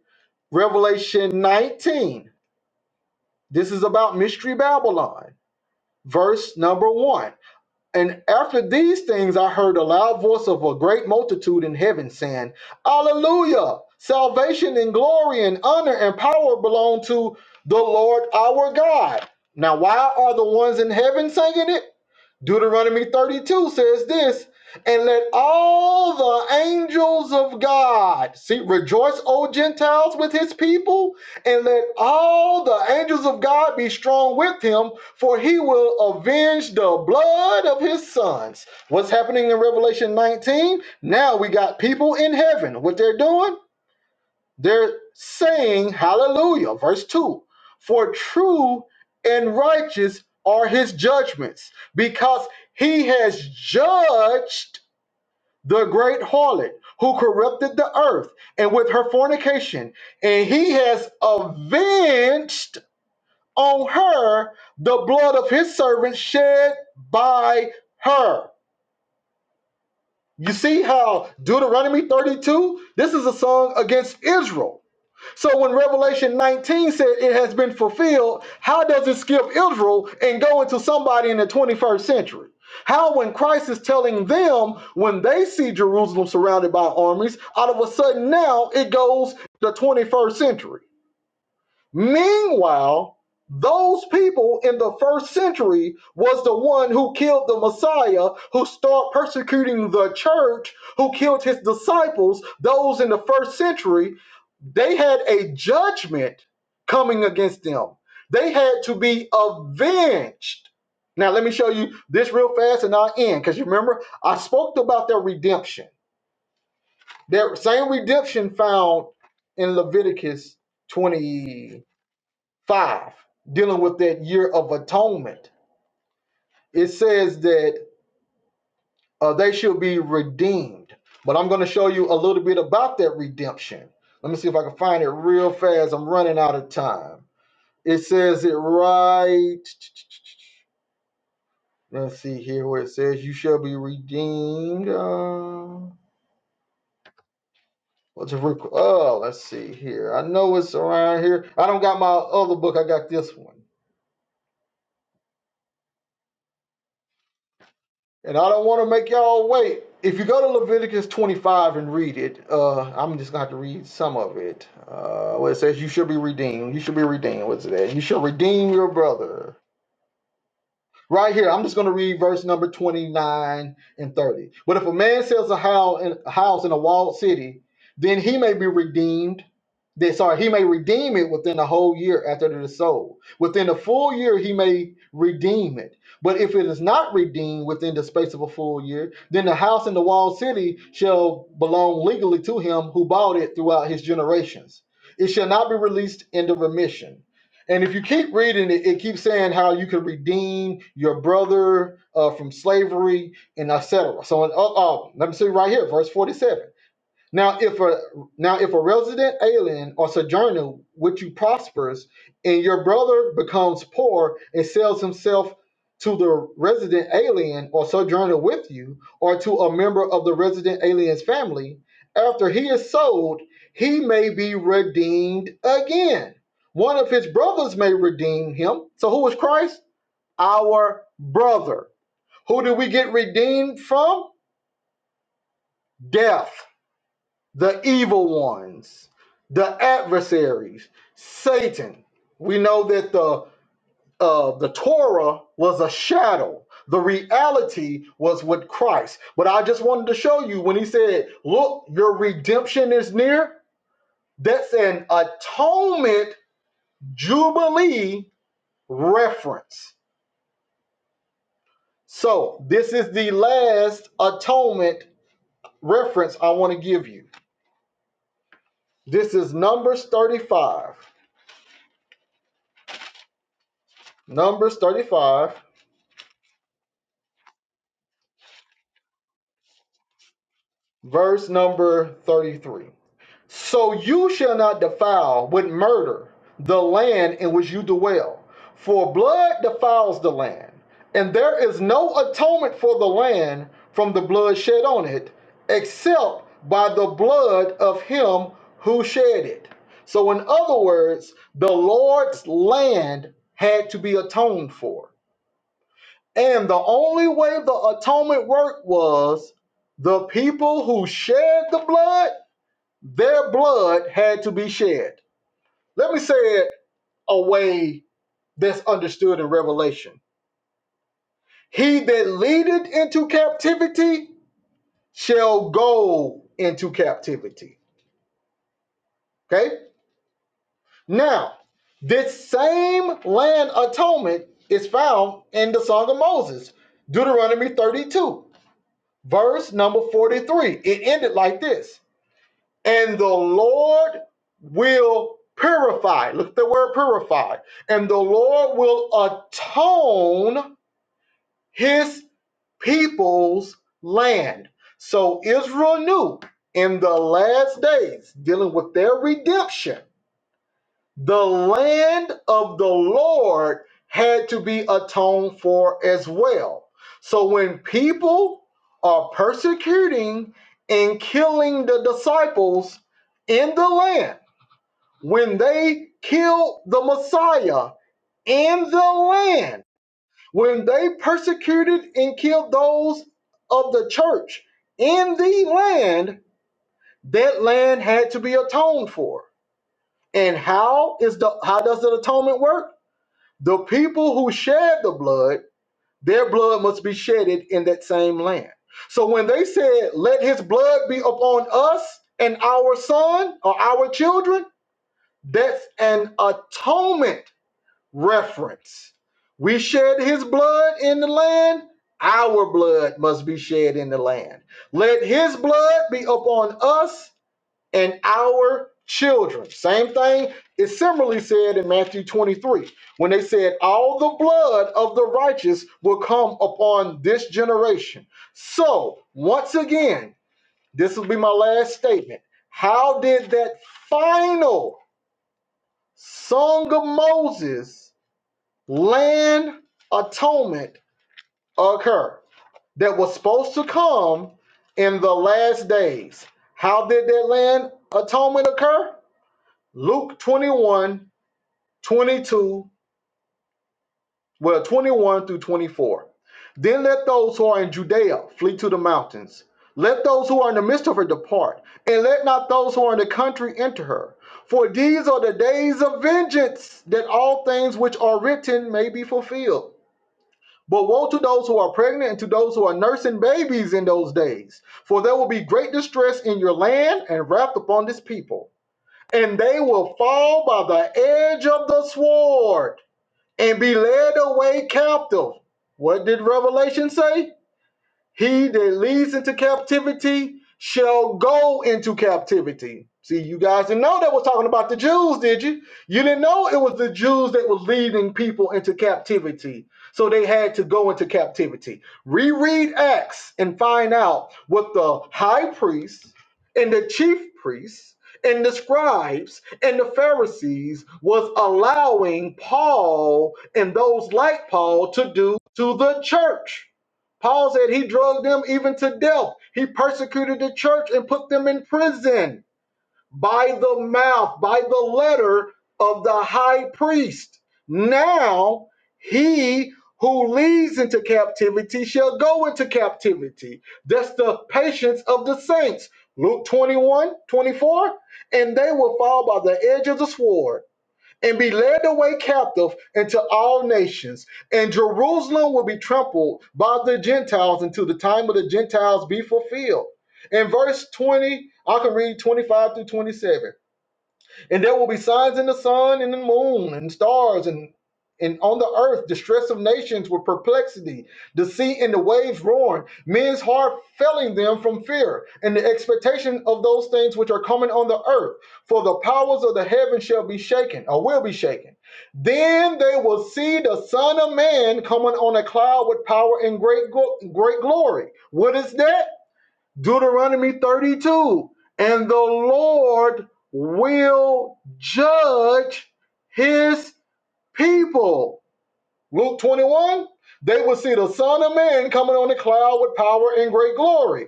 Revelation 19, this is about Mystery Babylon, verse number one. And after these things, I heard a loud voice of a great multitude in heaven saying, Alleluia! Salvation and glory and honor and power belong to the Lord our God. Now, why are the ones in heaven singing it? Deuteronomy 32 says this, and let all the angels of God see rejoice, O Gentiles, with his people, and let all the angels of God be strong with him, for he will avenge the blood of his sons. What's happening in Revelation 19? Now we got people in heaven. What they're doing? They're saying, Hallelujah, verse 2 For true and righteous are his judgments, because he has judged the great harlot who corrupted the earth and with her fornication, and he has avenged on her the blood of his servants shed by her. You see how Deuteronomy 32, this is a song against Israel So when Revelation 19 said it has been fulfilled, how does it skip Israel and go into somebody in the 21st century? How, when Christ is telling them when they see Jerusalem surrounded by armies, out of a sudden now it goes the 21st century? Meanwhile, those people in the first century was the one who killed the Messiah, who started persecuting the church, who killed his disciples, those in the first century, they had a judgment coming against them. They had to be avenged. Now let me show you this real fast and I'll end because you remember I spoke about their redemption. Their same redemption found in Leviticus 20. 5, dealing with that year of atonement, it says that uh, they should be redeemed. But I'm going to show you a little bit about that redemption. Let me see if I can find it real fast. I'm running out of time. It says it right. Let's see here where it says you shall be redeemed. Uh, what's it? rec- Oh, let's see here. I know it's around here. I don't got my other book. I got this one. And I don't want to make y'all wait. If you go to Leviticus 25 and read it, uh, I'm just going to have to read some of it. Uh, where it says, You should be redeemed. You should be redeemed. What's that? You should redeem your brother. Right here, I'm just going to read verse number 29 and 30. But if a man sells a house in, a walled city, then he may be redeemed. Then, sorry, he may redeem it within a whole year after it is sold. Within a full year, he may redeem it. But if it is not redeemed within the space of a full year, then the house in the walled city shall belong legally to him who bought it throughout his generations. It shall not be released into remission. And if you keep reading it, it keeps saying how you can redeem your brother uh, from slavery and etc. So, in, uh, uh, let me see right here, verse 47. Now, if a now if a resident alien or sojourner with you prospers, and your brother becomes poor and sells himself to the resident alien or sojourner with you, or to a member of the resident alien's family, after he is sold, he may be redeemed again. One of his brothers may redeem him. So who is Christ? Our brother. Who do we get redeemed from? Death the evil ones, the adversaries, Satan. We know that the uh, the Torah was a shadow. The reality was with Christ. But I just wanted to show you when he said, "Look, your redemption is near." That's an atonement jubilee reference. So this is the last atonement reference I want to give you. This is Numbers 35. Numbers 35 verse number 33. So you shall not defile with murder the land in which you dwell, for blood defiles the land, and there is no atonement for the land from the blood shed on it, except by the blood of him who shed it. So, in other words, the Lord's land had to be atoned for and the only way the atonement worked was the people who shed the blood, their blood had to be shed. Let me say it a way that's understood in Revelation. He that leadeth into captivity shall go into captivity. Okay? Now, this same land atonement is found in the Song of Moses, Deuteronomy 32, verse number 43. It ended like this and the Lord will purify. Look at the word purify. And the Lord will atone his people's land. So Israel knew in the last days, dealing with their redemption, the land of the Lord had to be atoned for as well. So when people are persecuting and killing the disciples in the land, when they killed the Messiah in the land, when they persecuted and killed those of the church in the land, that land had to be atoned for. And how is the how does the atonement work? The people who shed the blood, their blood must be shedded in that same land. So when they said, "Let his blood be upon us and our son or our children," that's an atonement reference. We shed his blood in the land, our blood must be shed in the land. Let his blood be upon us and our children. Same thing is similarly said in Matthew 23 when they said, All the blood of the righteous will come upon this generation. So, once again, this will be my last statement. How did that final song of Moses? land atonement occur that was supposed to come in the last days. How did that land atonement occur? Luke 21, 22. well, 21 through 24. Then let those who are in Judea flee to the mountains. Let those who are in the midst of her depart, and let not those who are in the country enter her. For these are the days of vengeance, that all things which are written may be fulfilled. But woe to those who are pregnant and to those who are nursing babies in those days, for there will be great distress in your land and wrath upon this people. And they will fall by the edge of the sword and be led away captive. What did Revelation say? He that leads into captivity shall go into captivity. See, you guys didn't know that was talking about the Jews, did you? You didn't know it was the Jews that was leading people into captivity. So they had to go into captivity. Reread Acts and find out what the high priests and the chief priests and the scribes and the Pharisees was allowing Paul and those like Paul to do to the church. Paul said he drove them even to death. He persecuted the church and put them in prison by the mouth, by the letter of the high priest. Now he who leads into captivity shall go into captivity. That's the patience of the saints. Luke 21 24, And they will fall by the edge of the sword and be led away captive into all nations. And Jerusalem will be trampled by the Gentiles until the time of the Gentiles be fulfilled. In verse 20, I can read 25 through 27. And there will be signs in the sun and the moon and stars and and on the earth, distress of nations with perplexity, the sea and the waves roaring, men's heart failing them from fear, and the expectation of those things which are coming on the earth. For the powers of the heaven shall be shaken, or will be shaken. Then they will see the Son of Man coming on a cloud with power and great, great glory. What is that? Deuteronomy 32 and the Lord will judge his people. Luke 21 they will see the Son of Man coming on the cloud with power and great glory.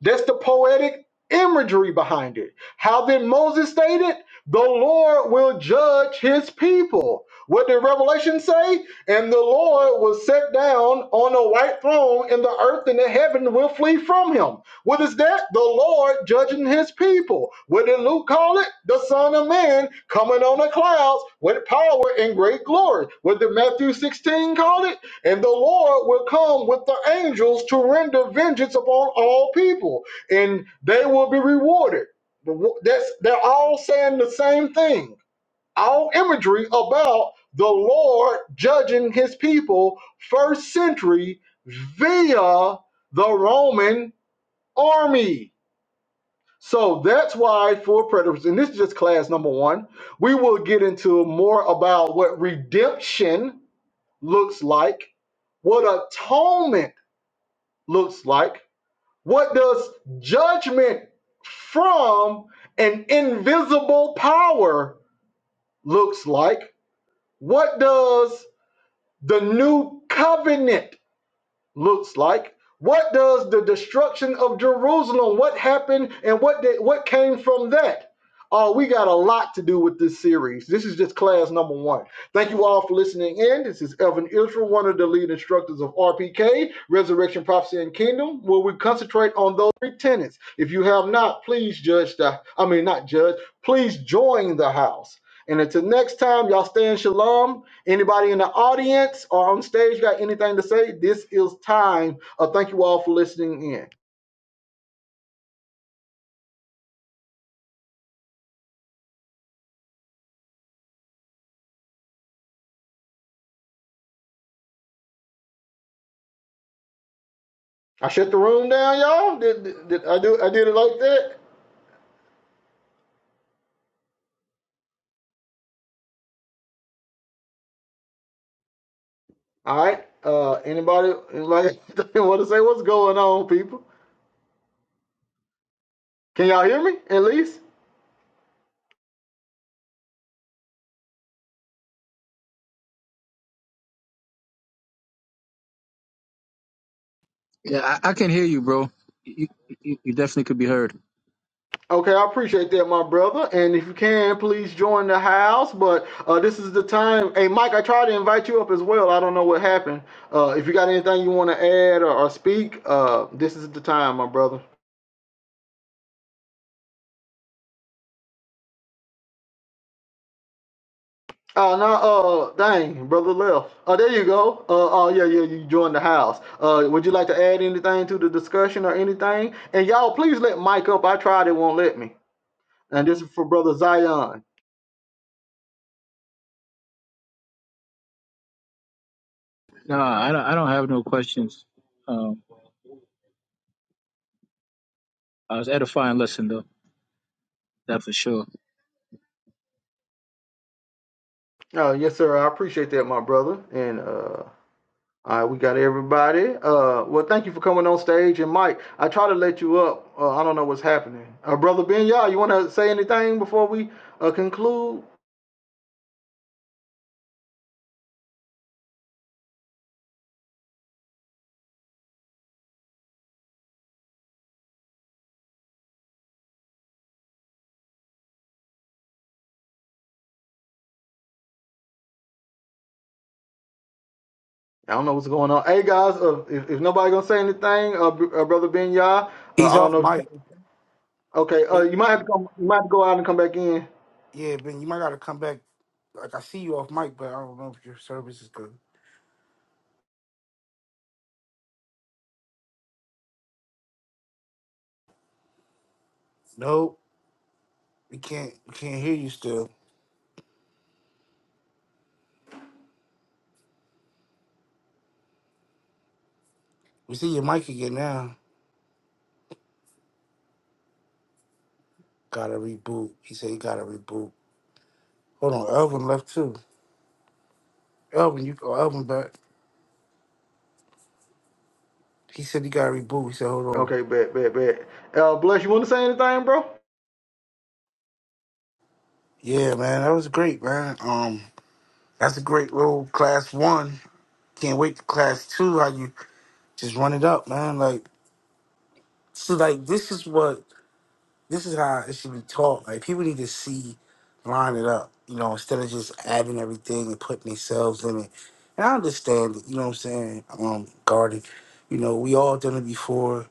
That's the poetic imagery behind it. How then Moses stated, the Lord will judge his people. What did Revelation say? And the Lord will sit down on a white throne, and the earth and the heaven will flee from him. What is that? The Lord judging his people. What did Luke call it? The Son of Man coming on the clouds with power and great glory. What did Matthew 16 call it? And the Lord will come with the angels to render vengeance upon all people, and they will be rewarded. But That's they're all saying the same thing. All imagery about the Lord judging his people first century via the Roman army. So that's why for predators, and this is just class number one, we will get into more about what redemption looks like, what atonement looks like? What does judgment from an invisible power looks like? What does the new covenant looks like. What does the destruction of Jerusalem? What happened and what did what came from that? Oh, we got a lot to do with this series. This is just class number one. Thank you all for listening in. This is Evan Israel, one of the lead instructors of RPK, Resurrection, Prophecy, and Kingdom, where we concentrate on those three tenets. If you have not, please judge the, I mean, not judge, please join the house. And until next time, y'all stay in shalom Anybody in the audience or on stage got anything to say? This is time. Uh, thank you all for listening in. I shut the room down, y'all. Did, did, did I do? I did it like that. All right. Uh, anybody like want to say what's going on, people? Can y'all hear me? At least. Yeah, I, I can hear you, bro. You, you, you definitely could be heard. Okay, I appreciate that, my brother. And if you can, please join the house. But uh, this is the time. Hey, Mike, I tried to invite you up as well. I don't know what happened. Uh, if you got anything you want to add or, or speak, uh, this is the time, my brother. Oh no! Uh, dang, brother left. Oh, there you go. Uh, oh yeah, yeah, you joined the house. Uh, would you like to add anything to the discussion or anything? And y'all, please let Mike up. I tried, it won't let me. And this is for brother Zion. No, I don't, I don't have no questions. Um, I was edifying lesson though, that for sure. Oh yes, sir. I appreciate that, my brother. And uh, all right, we got everybody. Uh, well, thank you for coming on stage. And Mike, I try to let you up. Uh, I don't know what's happening. Uh, brother Ben, y'all, you want to say anything before we uh conclude? I don't know what's going on. Hey guys, uh, if, if nobody gonna say anything, uh, br- uh brother Ben Yah, uh, He's I don't know. like, Okay, uh, eh, you might have to come, you might have to go out and come back in. yeah, Ben, you might gotta come back. Like I see you off mic, but I don't know if your service is good. Nope, we can't we can't hear you still. We see your mic again now. Gotta reboot. He said he gotta reboot. Hold on, Elvin left too. Elvin, you oh, Elvin back. He said he gotta reboot. He said, hold on. Okay, bet, bet, bet. Uh, bless. You want to say anything, bro? Yeah, man, that was great, man. Um, that's a great little class one. Can't wait to class two. How you just run it up, man? Like, so like this is what this is how it should be taught. Like people need to see, line it up, you know, instead of just adding everything and putting themselves in it. And I understand it, you know what I'm saying, um, Guardy. You know, we all done it before.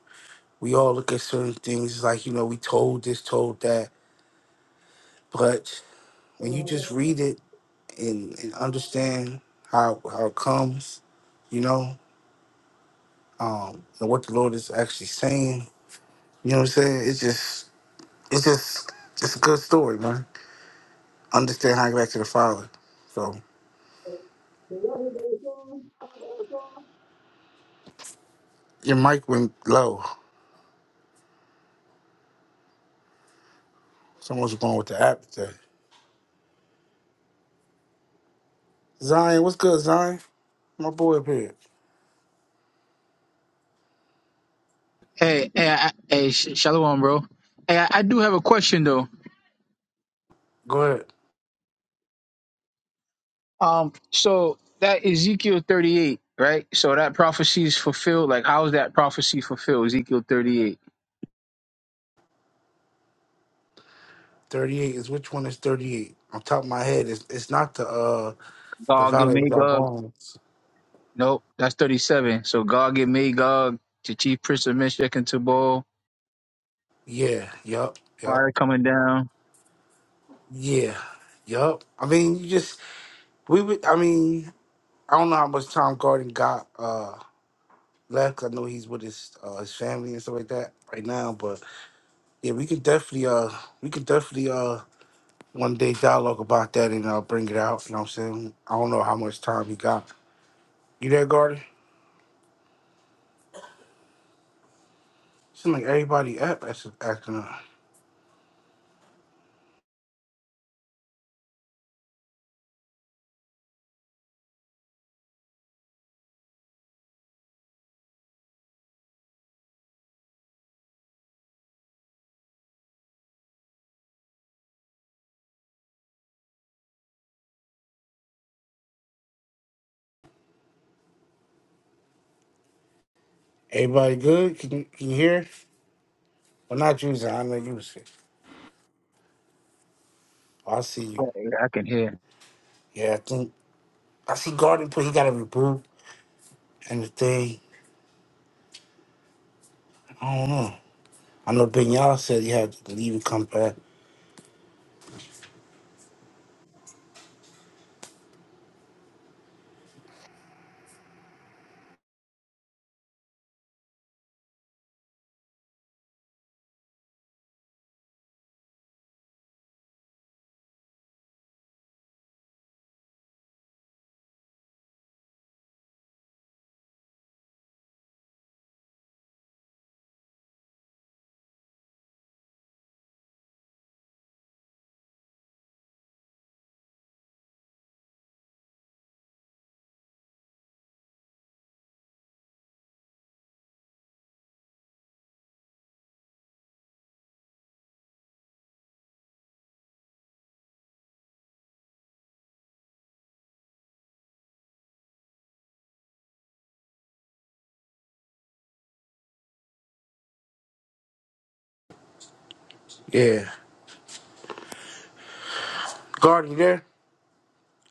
We all look at certain things it's like, you know, we told this, told that. But when you just read it and, and understand how how it comes, you know, um, and what the Lord is actually saying, you know what I'm saying? It's just it's just it's a good story, man. Understand how you get back to the father. so. Your mic went low. Someone's going with the app today. Zion, what's good, Zion? My boy up here. Hey, hey, I, hey, sh- shalom, bro. Hey, I, I do have a question though. Go ahead. Um, so that Ezekiel thirty-eight, right? So that prophecy is fulfilled. Like, how is that prophecy fulfilled? Ezekiel thirty-eight. Thirty-eight is which one is thirty-eight? On top of my head, it's it's not the uh the Gog and Valley of Dry Magog. Bones. Nope, that's thirty-seven. So Gog and Magog, the chief prince of Meshach and Tubal, Yeah, yup, yup, fire coming down. yeah, yup. I mean, you just we would. I mean, I don't know how much Tom Garden got uh left. 'cause I know he's with his uh his family and stuff like that right now. But yeah, we could definitely uh we could definitely Uh. one day dialogue about that and I'll bring it out. You know what I'm saying? I don't know how much time he got. You there, Garden? Seems like everybody up that's acting up. Everybody good? Can you, can you hear? Well, not you, Zion. I know you was sick. Oh, I see you. I can hear. Yeah, I think I see Garden, but he got a reboot and the thing. I don't know. I know Ben Y'all said he had to leave and come back. Yeah. Garden, you there?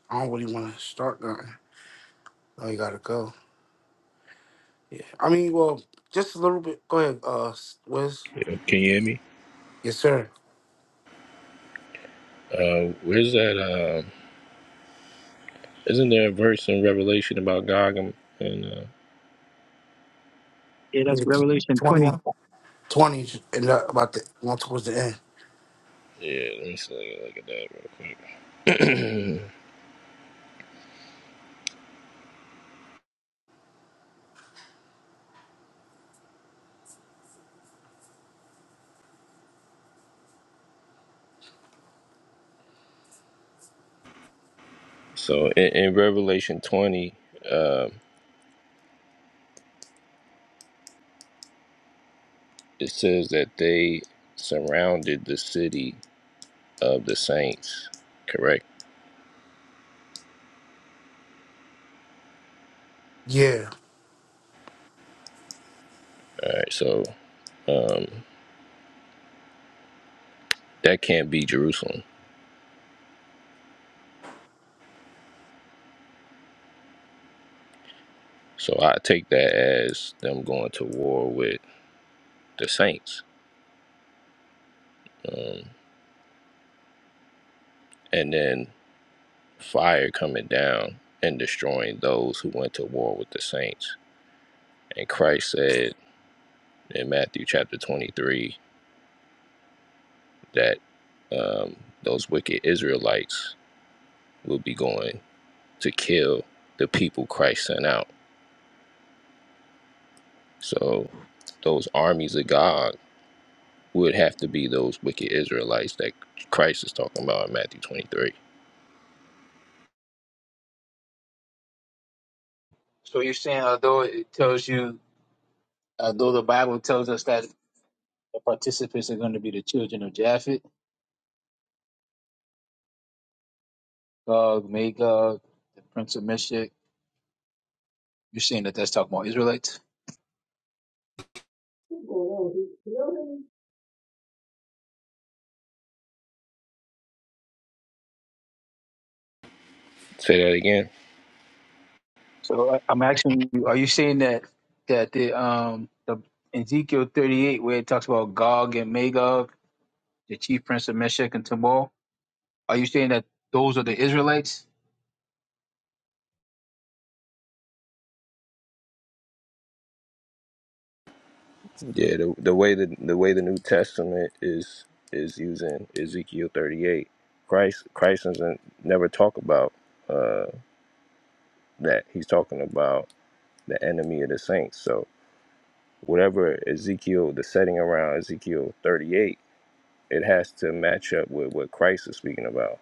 I don't really want to start nothing. Oh, you gotta go. I mean, well, just a little bit. Go ahead, uh, Wiz. Can you hear me? Yes, sir. Uh, where's that? Uh, isn't there a verse in Revelation about Gog and? and, uh, Yeah, that's Revelation 20. 21. 20s and uh, about the one towards the end. yeah, let me see, let me look at that real quick. So in, in Revelation twenty, uh, it says that they surrounded the city of the saints. Correct. Yeah. All right. So um, that can't be Jerusalem. So I take that as them going to war with the saints. Um, and then fire coming down and destroying those who went to war with the saints. And Christ said in Matthew chapter 23 that um, those wicked Israelites will be going to kill the people Christ sent out. So those armies of God would have to be those wicked Israelites that Christ is talking about in Matthew 23. So you're saying, although it tells you, although the Bible tells us that the participants are going to be the children of Japhet, Gog, Magog, the prince of Meshech, you're saying that that's talking about Israelites. Say that again. So I- I'm asking you, are you saying that that the um the Ezekiel 38, where it talks about Gog and Magog, the chief prince of Meshech and Tabor, are you saying that those are the Israelites? Yeah, the the way the the way the New Testament is is using Ezekiel thirty eight, Christ Christ doesn't never talk about uh, that. He's talking about the enemy of the saints. So whatever Ezekiel, the setting around Ezekiel thirty eight, it has to match up with what Christ is speaking about.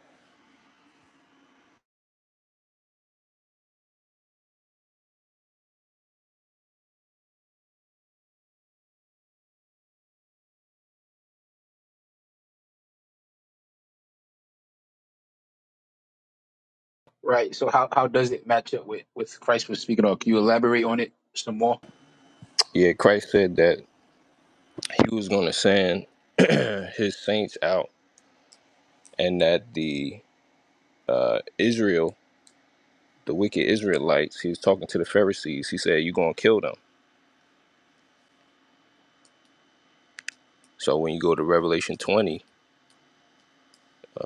Right. So how, how does it match up with with Christ was speaking? Or can you elaborate on it some more? Yeah, Christ said that he was going to send his saints out, and that the uh, Israel, the wicked Israelites, he was talking to the Pharisees. He said, "You're going to kill them." So when you go to Revelation 20,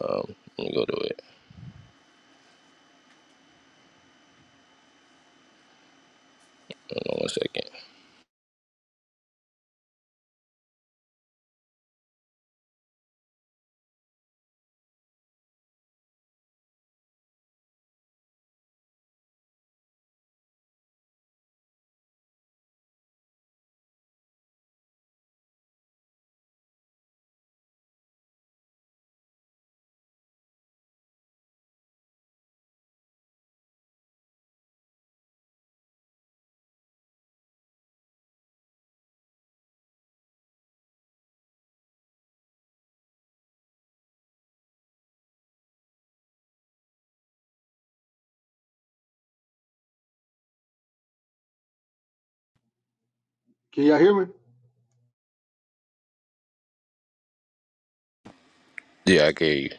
um, let me go to it. Hold on one second. Can y'all hear me? Yeah, I gave you.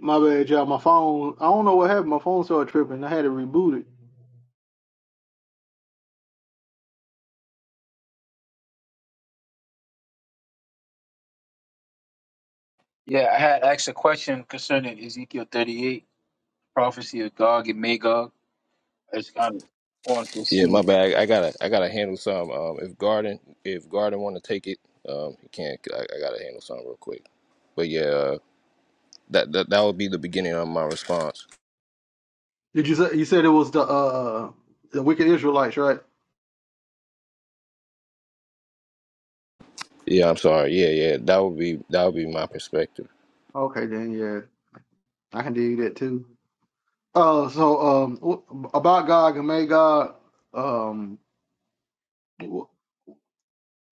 My bad, y'all. My phone. I don't know what happened. My phone started tripping. I had to reboot it. Yeah, I had asked a question concerning Ezekiel 38, prophecy of Gog and Magog. I just kind of want to Yeah, my see. bad. I gotta, I gotta handle some. Um, if Garden, if Garden want to take it, um, he can't. I, I gotta handle some real quick. But yeah, uh, that, that that would be the beginning of my response. Did you say you said it was the uh the wicked Israelites, right? Yeah, I'm sorry. Yeah, yeah, that would be that would be my perspective. Okay, then yeah, I can do that too. Uh, so um, wh- about Gog and Magog, um,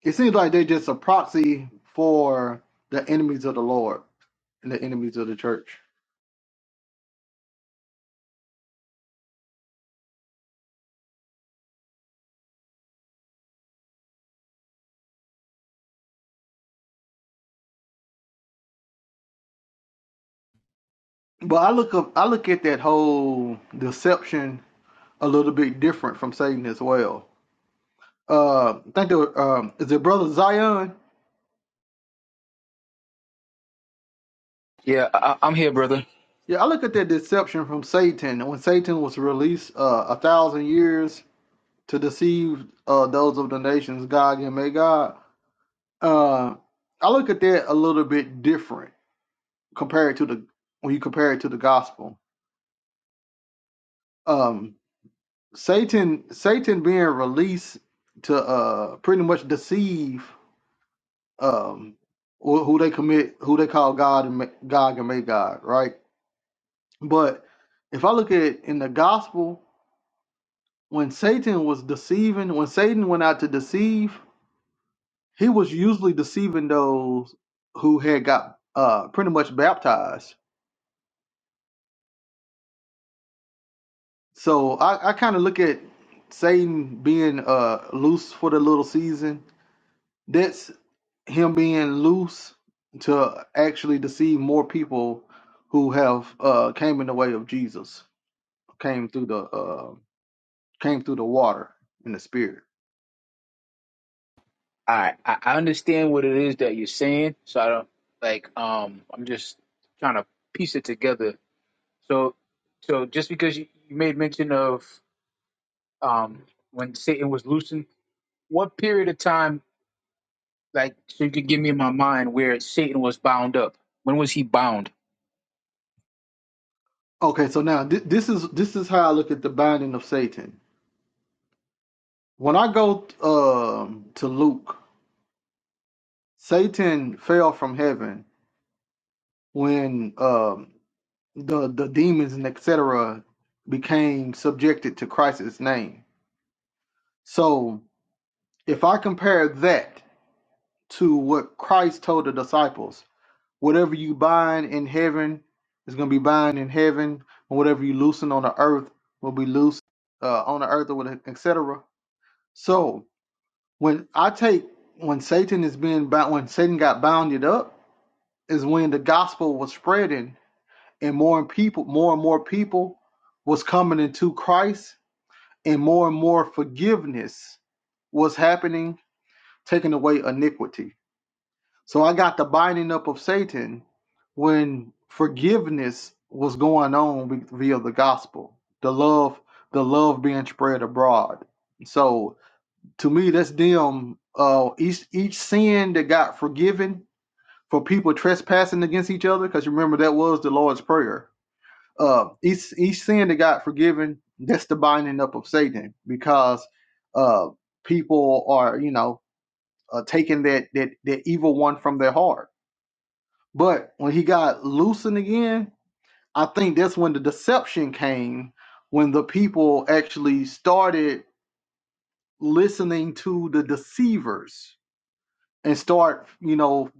It seems like they're just a proxy for the enemies of the Lord and the enemies of the church. But I look up, I look at that whole deception a little bit different from Satan as well. Uh, I think the um, is it brother Zion? Yeah, I, I'm here, brother. Yeah, I look at that deception from Satan when Satan was released uh, a thousand years to deceive uh, those of the nations, God and may God. Uh, I look at that a little bit different compared to the when you compare it to the gospel. Um, Satan Satan being released to uh pretty much deceive um wh- who they commit who they call God and Ma- God and make God right but if I look at in the gospel when Satan was deceiving when Satan went out to deceive he was usually deceiving those who had got uh pretty much baptized so I, I kind of look at Satan being uh loose for the little season That's him being loose to actually deceive more people who have uh came in the way of Jesus, came through the uh came through the water in the spirit. I I I understand what it is that you're saying, so I don't like. Um, I'm just trying to piece it together. So, so just because you, you made mention of um when Satan was loosened, what period of time, like, so you could give me in my mind where Satan was bound up? When was he bound? Okay, so now thi- this is this is how I look at the binding of Satan. When I go um to Luke, Satan fell from heaven when um the the demons and etc became subjected to Christ's name. So if I compare that to what Christ told the disciples. Whatever you bind in heaven is going to be bound in heaven, and whatever you loosen on the earth will be loose uh, on the earth, or whatever, etc. So when I take when Satan is being bound, when Satan got bounded up, is when the gospel was spreading, and more and people, more and more people was coming into Christ, and more and more forgiveness was happening, taking away iniquity. So I got the binding up of Satan when forgiveness was going on via the gospel, the love, the love being spread abroad. So to me, that's them. Uh, each each sin that got forgiven for people trespassing against each other, because remember that was the Lord's prayer. Uh, each each sin that got forgiven, that's the binding up of Satan, because uh, people are you know uh, taking that that that evil one from their heart but when he got loosened again, I think that's when the deception came, when the people actually started listening to the deceivers and start, you know,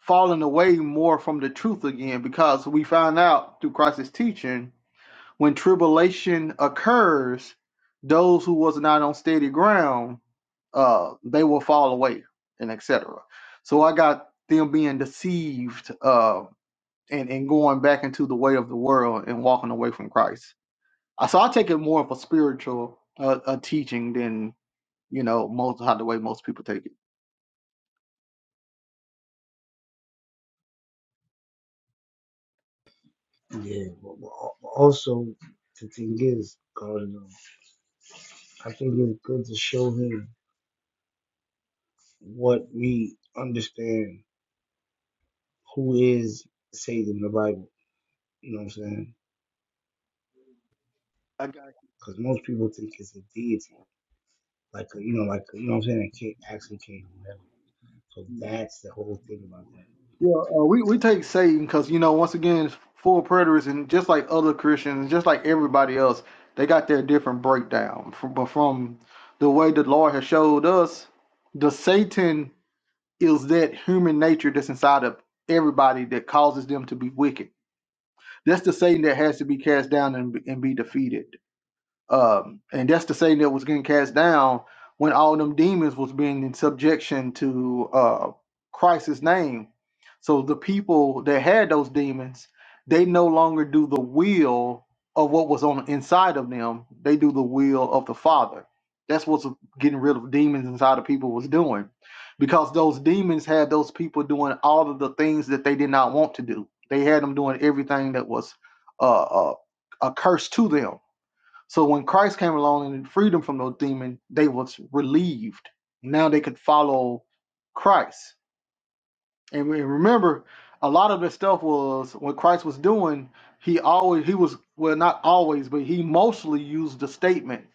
falling away more from the truth again. Because we find out through Christ's teaching, when tribulation occurs, those who was not on steady ground, uh, they will fall away and etc. So I got them being deceived. Um, and, and going back into the way of the world and walking away from Christ. Uh, So I take it more of a spiritual uh, a teaching than you know most how the way most people take it. Yeah, but, but al- also the thing is, Cardinal, I think it's good to show him what we understand who is Satan in the Bible. You know what I'm saying? I got Because most people think it's a deity, like a, you know, like you know what I'm saying. It can't, actually came from heaven. So that's the whole thing about that. you. Yeah, uh, we we take Satan because you know once again full of preterists and just like other Christians, just like everybody else, they got their different breakdown. From, but from the way the Lord has showed us, the Satan is that human nature that's inside of everybody that causes them to be wicked That's the Satan that has to be cast down and, and be defeated. Um, and that's the Satan that was getting cast down when all them demons was being in subjection to uh, Christ's name. So the people that had those demons, they no longer do the will of what was on inside of them. They do the will of the Father. That's what's getting rid of demons inside of people was doing. Because those demons had those people doing all of the things that they did not want to do. They had them doing everything that was uh, uh, a curse to them so when Christ came along and freed them from those demons, they was relieved. Now they could follow Christ. And remember, a lot of this stuff was what Christ was doing. He always he was well not always, but he mostly used the statement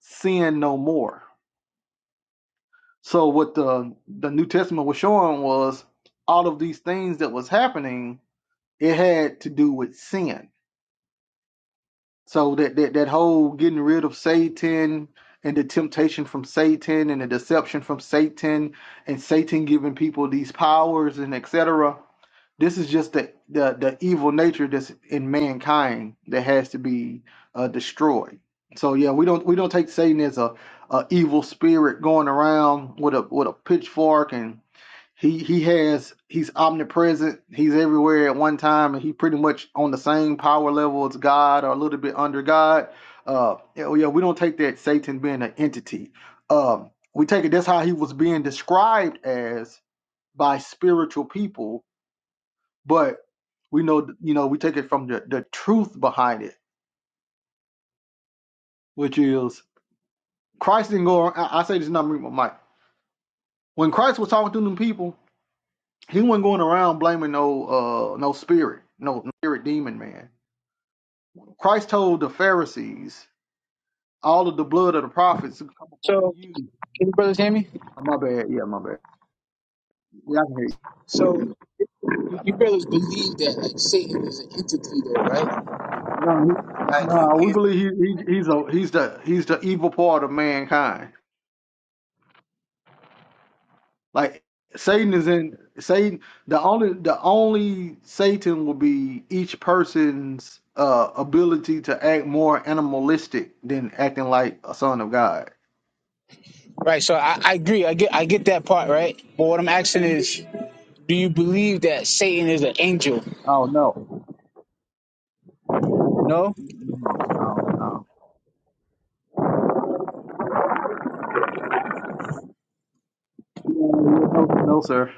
"sin no more." So what the the New Testament was showing was all of these things that was happening. It had to do with sin So that, that that whole getting rid of Satan and the temptation from Satan and the deception from Satan and Satan giving people these powers and etc. This is just the, the the evil nature that's in mankind that has to be uh, destroyed. So yeah, we don't we don't take Satan as a, a evil spirit going around with a with a pitchfork and. He he has he's omnipresent. He's everywhere at one time, and he pretty much on the same power level as God, or a little bit under God. Uh, yeah, we yeah, don't take that Satan being an entity. Um, we take it that's how he was being described as by spiritual people, but we know you know we take it from the the truth behind it, which is Christ didn't go. I, I say this number my mic. When Christ was talking to them people, he wasn't going around blaming no uh no spirit, no no spirit demon man Christ told the Pharisees, all of the blood of the prophets will come upon So, you. can you brothers hear me? Oh, my bad. Yeah, my bad. Yeah, I can- So You brothers believe that like Satan is an entity, though, right? no, he- no, Like we you can believe he, he, he's a he's the he's the evil part of mankind. Like Satan is in Satan. The only the only Satan will be each person's uh ability to act more animalistic than acting like a son of God. Right. So I, I agree. I get I get that part, right? But what I'm asking is, do you believe that Satan is an angel? Oh no, No. no, no, no, Yeah, yeah, no, no, sir.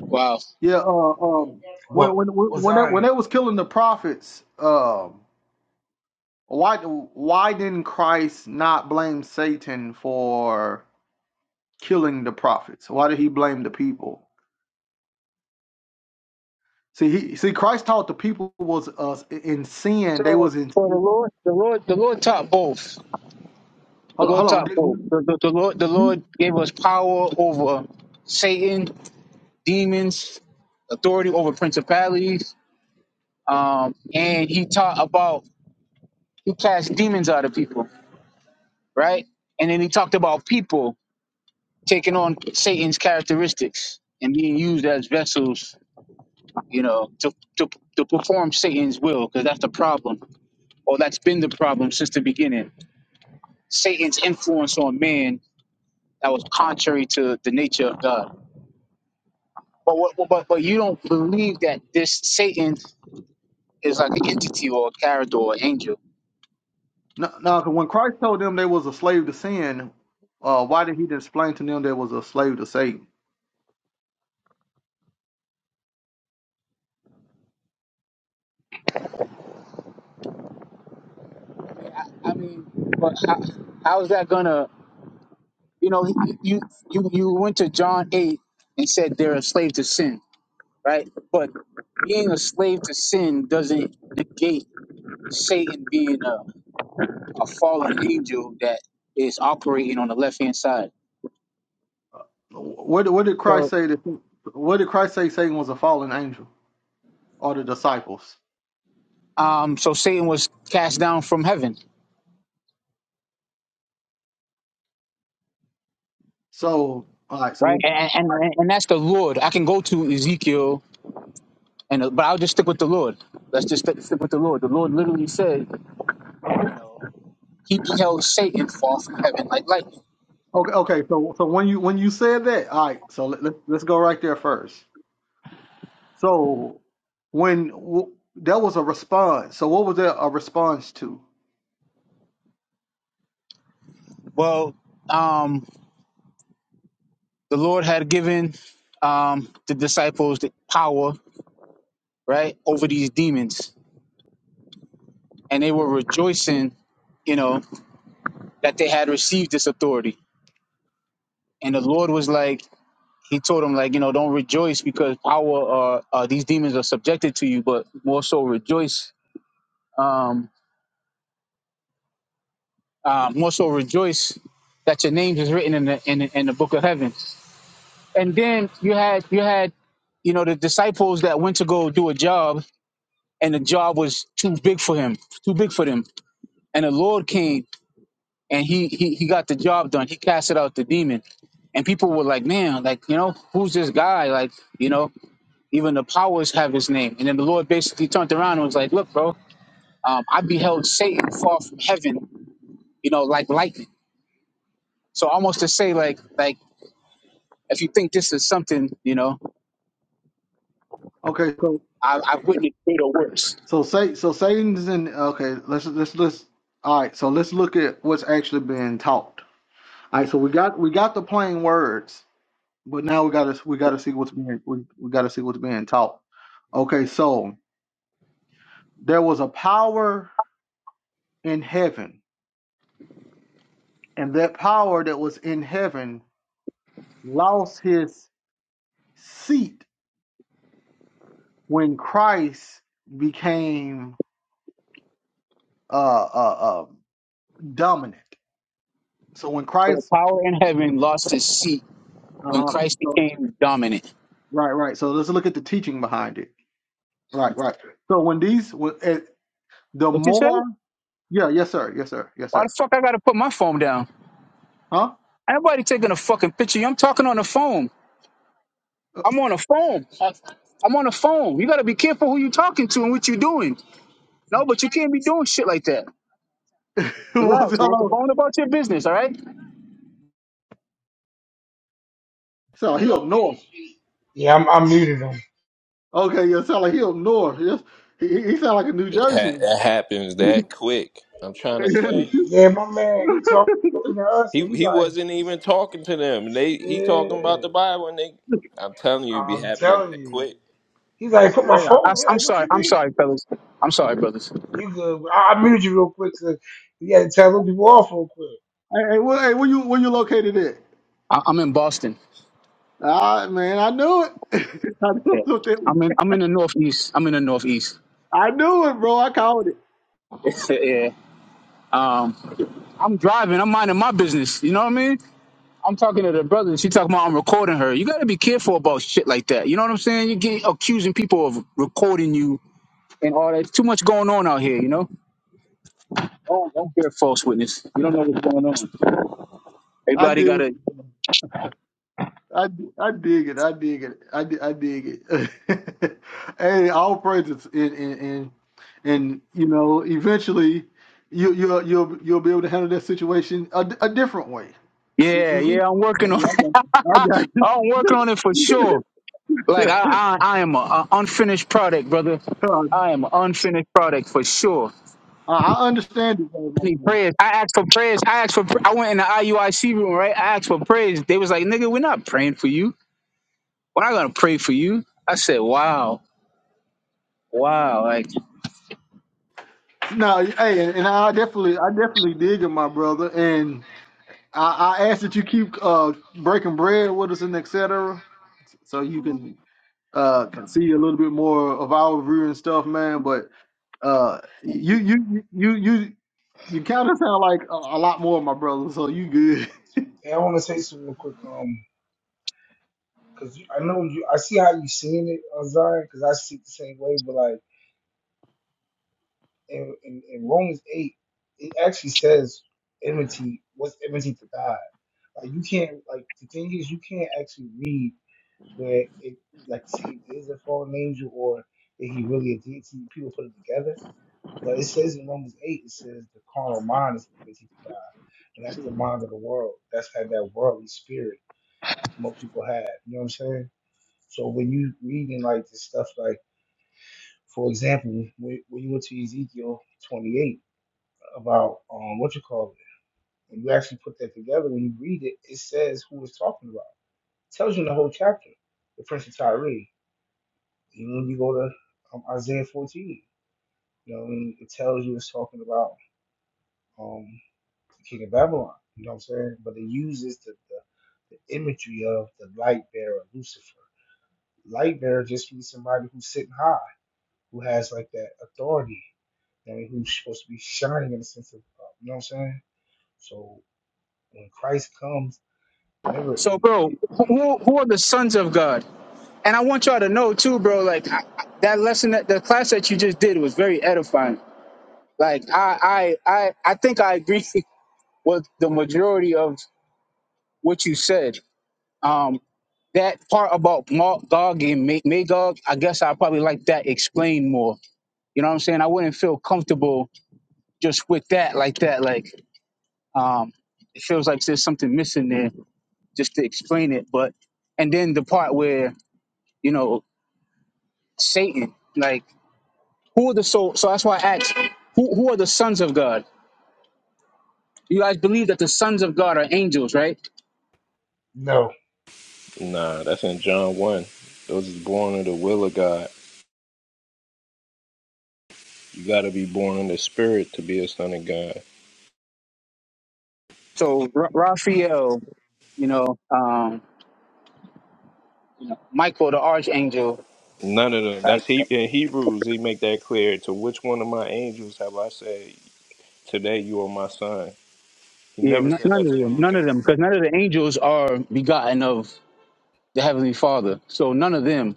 Wow. Yeah, uh, um, when Well, when what's when they, I? when they was killing the prophets, um, why why didn't Christ not blame Satan for killing the prophets? Why did he blame the people? See, he see Christ taught the people was uh, in sin. They So was in for the Lord, the Lord, the Lord taught both. The hold, hold Lord on. taught Did, both. The, the, the Lord, the when, Lord gave us power over Satan, demons, authority over principalities, um, and he taught about he cast demons out of people, right? And then he talked about people. taking on Satan's characteristics and being used as vessels, you know, to to, to perform Satan's will, because that's the problem, or that's been the problem since the beginning. Satan's influence on man that was contrary to the nature of God. But what, but but you don't believe that this Satan is like an entity or a character or an angel. no, no, 'cause when Christ told them they was a slave to sin, uh, why did he explain to them they was a slave to Satan? I I mean, but how, how is that gonna? You know, you you you went to John eight and said they're a slave to sin right? But being a slave to sin doesn't negate Satan being a, a fallen angel that is operating on the left hand side. What did what did Christ say? That, what did Christ say Satan was a fallen angel? are the disciples. Um, so Satan was cast down from heaven, So, all right. right? So, And, and and and that's the Lord. I can go to Ezekiel, and but I'll just stick with the Lord. Let's just stick, stick with the Lord. The Lord literally said, you know, he beheld Satan fall from heaven like lightning. okay, okay. So, so when you when you said that, all right. So let, let, let's go right there first. So, when w- there was a response. So, what was there a response to? Well, um, the Lord had given um, the disciples the power, right, over these demons and they were rejoicing, you know, that they had received this authority. And the Lord was like, He told them, like, you know, don't rejoice because power, uh, uh, these demons are subjected to you, but more so rejoice, um, uh, more so rejoice that your name is written in the in the, in the book of heaven. And then you had you had, you know, the disciples that went to go do a job, and the job was too big for him, too big for them. And the Lord came and he, he he got the job done. He casted out the demon, and people were like, "Man, like you know, who's this guy?" Like you know, even the powers have his name. And then the Lord basically turned around and was like, "Look, bro, um, I beheld Satan fall from heaven, you know, like lightning." So almost to say like like if you think this is something, you know, Okay. So, I, I've witnessed greater works. so say so Satan's in. Okay. Let's let's let's. All right. So let's look at what's actually being taught. All right. So we got we got the plain words, but now we got to we got to see what's being we, we got to see what's being taught. Okay. So there was a power in heaven And that power that was in heaven lost his seat when Christ became uh, uh, uh, dominant. So when So the Christ, power in heaven lost its seat when uh-huh, Christ so, became dominant. right, right. So let's look at the teaching behind it. Right, right. So when these, when, eh, the What you say? more, Why yeah, yes, sir, yes, sir, yes, sir. the fuck I gotta put my phone down? Huh? Ain't nobody taking a fucking picture. I'm talking on the phone. I'm on a phone. I- I'm on a phone. You gotta be careful who you talking to and what you doing. No, but you can't be doing shit like that. What's Relax, man. It's hello? phone about your business, all right? Sound like he up north. Yeah, I'm, I'm muted him. Okay, yeah, sound like he up north. Yes, he, he he sound like a New It, ha- Jersey. it happens that quick. I'm trying hey, to tell you. Yeah, my man, he talking to us, He and he he like. wasn't even talking to them. They he talking about Yeah, the Bible, and they. I'm telling you, it be I'm happening telling that you. quick. He's like, put my Hey, I, phone. He's am like, what sorry. you I'm mean? sorry, fellas. I'm sorry, brothers. You good? I, I muted you real quick because you had to tell them people off real quick. hey, where, hey, where you where you located at? I, I'm in Boston. Ah, man, I knew it. I Yeah. knew something. I'm in. I'm in the Northeast. I'm in the Northeast. I knew it, bro. I called it. yeah. Um, I'm driving. I'm minding my business. You know what I mean? I'm talking to the brother. and She talking about I'm recording her. You gotta be careful about shit like that. You know what I'm saying? You get accusing people of recording you and all that. Too much going on out here. You know. Don't, don't bear false witness. You don't know what's going on. I Everybody got did. to. I, I dig it. I dig it. I, di- I dig it. hey, all praises. And, and, and, and, you know, eventually you, you'll, you'll, you'll be able to handle that situation a, di- a different way. E- Yeah, even- yeah, I'm I working on. got you. I got I'm working on it for you. sure. Like I, I, I am an unfinished product, brother. I am an unfinished product for sure. I I understand it. though, I my need man. prayers. I asked for prayers. I asked for. I went in the IUIC room, right? I asked for prayers. They was like, "Nigga, we're not praying for you. We're not gonna pray for you." I said, "Wow, wow." Like, No, hey, and, and I definitely, I definitely dig it, my brother. and. I, I ask that you keep uh, breaking bread with us and et cetera, so you can uh, can see a little bit more of our view and stuff, man. But uh, you you you you you kind of sound like a, a lot more of my brother, so you good. Hey, I want to say something real quick. Um, because I know you, I see how you seeing it, uh, Zion, because I see it the same way. But like in, in, in Romans eight, it actually says enmity. What's enmity to God? Like you can't. Like the thing is, you can't actually read. where it like Satan is a fallen angel or is he really a deity? People put it together. But it says in Romans 8, it says the carnal mind is enmity to God. And that's the mind of the world. That's had that worldly spirit most people have. You know what I'm saying? So when you reading like this stuff, like for example, when, when you went to Ezekiel 28 about um what you call it, and you actually put that together, when you read it, it says who it's talking about. It tells you in the whole chapter, the Prince of Tyre. Even when you go to um, Isaiah 14, you know, I mean, it tells you it's talking about um, the king of Babylon. You know what I'm saying? But it uses the, the, the imagery of the light bearer, Lucifer. Light bearer just means somebody who's sitting high, who has like that authority, you know, who's supposed to be shining in the sense of, uh, you know what I'm saying? So when Christ comes, remember, so, and bro, who who are the sons of God? and I want y'all to know too, bro. Like I, I- that lesson, that the class that you just did was very edifying. Like I, I, I, I think I agree with the majority of what you said. Um, that part about Magog and Ma- Magog, I guess I probably like that explained more. You know what I'm saying? I wouldn't feel comfortable just with that like that. Like um, it feels like there's something missing there just to explain it. But and then the part where you know Satan. like. Who are the so? So that's why I asked, who who are the sons of God? You guys believe that the sons of God are angels, right? no, Nah, that's in John 1. Those is born of the will of God. You got to be born in the spirit to be a son of God. So Ra- Raphael, you know, um, you know, Michael, the archangel, None of them. like That's he in Hebrews. He make that clear. To which one of my angels have I said, "Today you are my son"? He yeah, never n- said that none of to them, none anything. of them, because none of the angels are begotten of the heavenly Father. So none of them.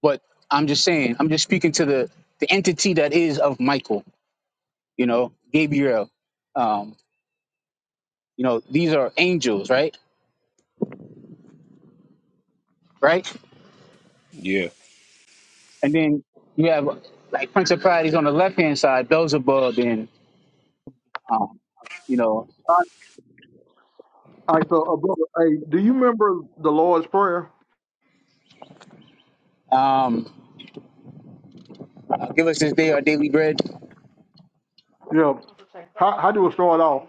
But I'm just saying, I'm just speaking to the the entity that is of Michael. You know, Gabriel. Um, you know, these are angels, right? Right. Yeah, And then you have like principalities on the left hand side, Beelzebub and um, you know, All right, all right, so uh, brother, hey, do you remember the Lord's Prayer? um, give us this day our daily bread. Yeah. How how do we start off?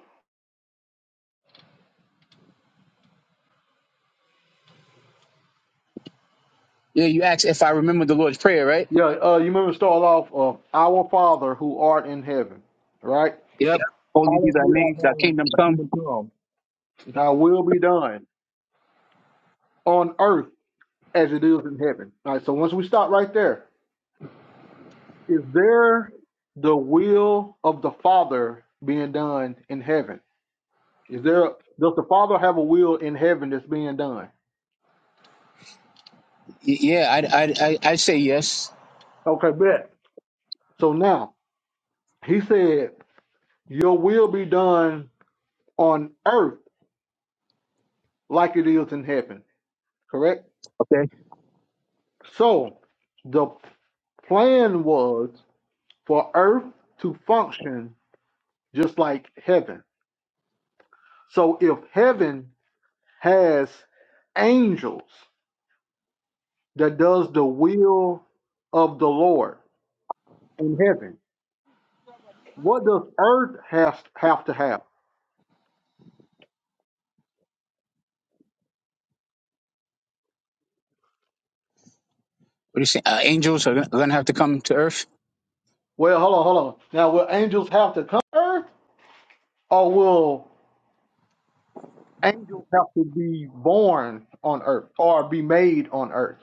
Yeah, you ask if I remember the Lord's prayer, right? Yeah, uh, you remember it start off uh, our Father who art in heaven, right? Yep. Holy be Hallowed thy be thy name, thy name, kingdom thy come. kingdom come, thy will be done on earth as it is in heaven. All right, so once we stop right there, is there the will of the Father being done in heaven? Is there does the Father have a will in heaven that's being done? Y- yeah, I I I, I say yes. Okay, bet. So now he said, Your will be done on earth like it is in heaven. Correct? Okay. So the plan was for earth to function just like heaven. So if heaven has angels that does the will of the Lord in heaven. What does earth has have to have? What do you say? Uh, angels are gonna have to come to earth, Well, hold on, hold on. Now, will angels have to come to earth, or will angels have to be born on earth or be made on earth?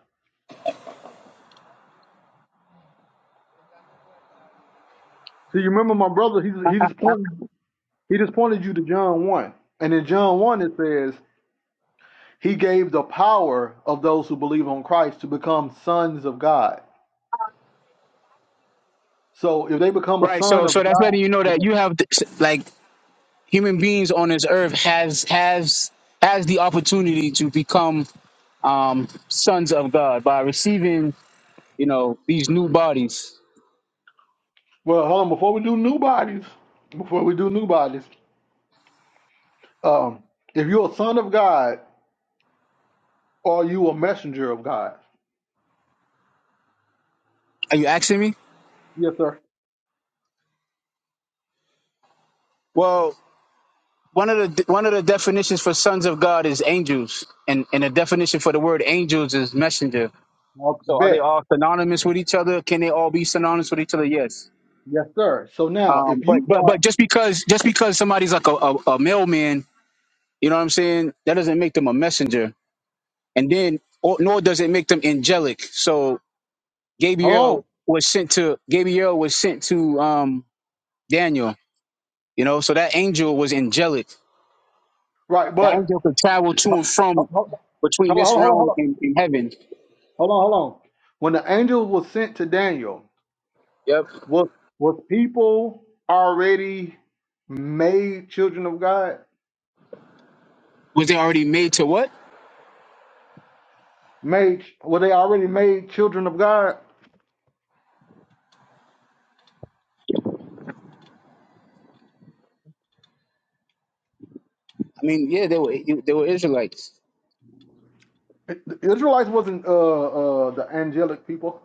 So you remember my brother? He he just pointed he just pointed you to John one, and in John one it says he gave the power of those who believe on Christ to become sons of God. So if they become a right? son So of so that's God, letting you know that okay. you have th- like human beings on this earth has has has the opportunity to become um, sons of God by receiving you know these new bodies. well, hold on. Before we do new bodies, before we do new bodies, um, if you're a son of God, are you a messenger of God? Are you asking me? Yes, sir. Well, one of the one of the definitions for sons of God is angels, and and the definition for the word angels is messenger. i So are they bet. all synonymous with each other? Can they all be synonymous with each other? Yes. Yes, sir. So now, Um, if but you but are, but just because just because somebody's like a, a, a mailman, you know what I'm saying? That doesn't make them a messenger, and then or, nor does it make them angelic. So hold Gabriel on, was sent to Gabriel was sent to um, Daniel. You know, so that angel was angelic right? The But angel could travel to hold and from on, hold on, between this hold on, hold realm on, and, and heaven. hold on, hold on. When the angel was sent to Daniel, Yep. was was people already made children of God? Was they already made to what? Made were they already made children of God? I mean, yeah, they were they were Israelites, The Israelites wasn't uh uh the angelic people.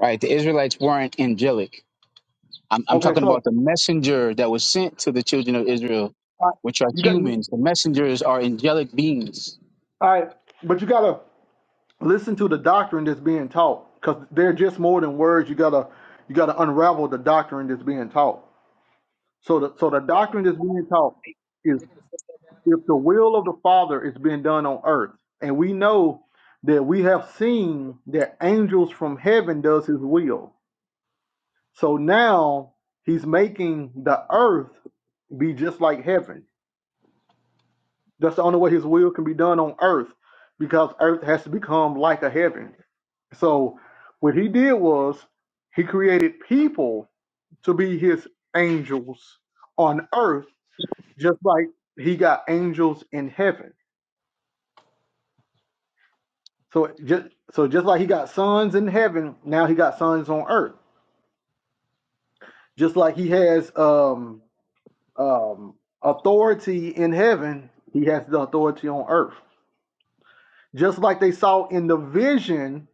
right? The Israelites weren't angelic. I'm, I'm Okay, talking so about the messenger that was sent to the children of Israel, I- which are you got you, humans. The messengers are angelic beings. all right, but you gotta listen to the doctrine that's being taught because they're just more than words. You gotta you gotta unravel the doctrine that's being taught. So the so the doctrine that's being taught is if the will of the Father is being done on earth, and we know that we have seen that angels from heaven does His will. So now He's making the earth be just like heaven That's the only way his will can be done on earth because earth has to become like a heaven. So what he did was he created people to be his angels on earth, just like he got angels in heaven. So just so just like he got sons in heaven, now he got sons on earth. Just like he has um um authority in heaven, he has the authority on earth. Just like they saw in the vision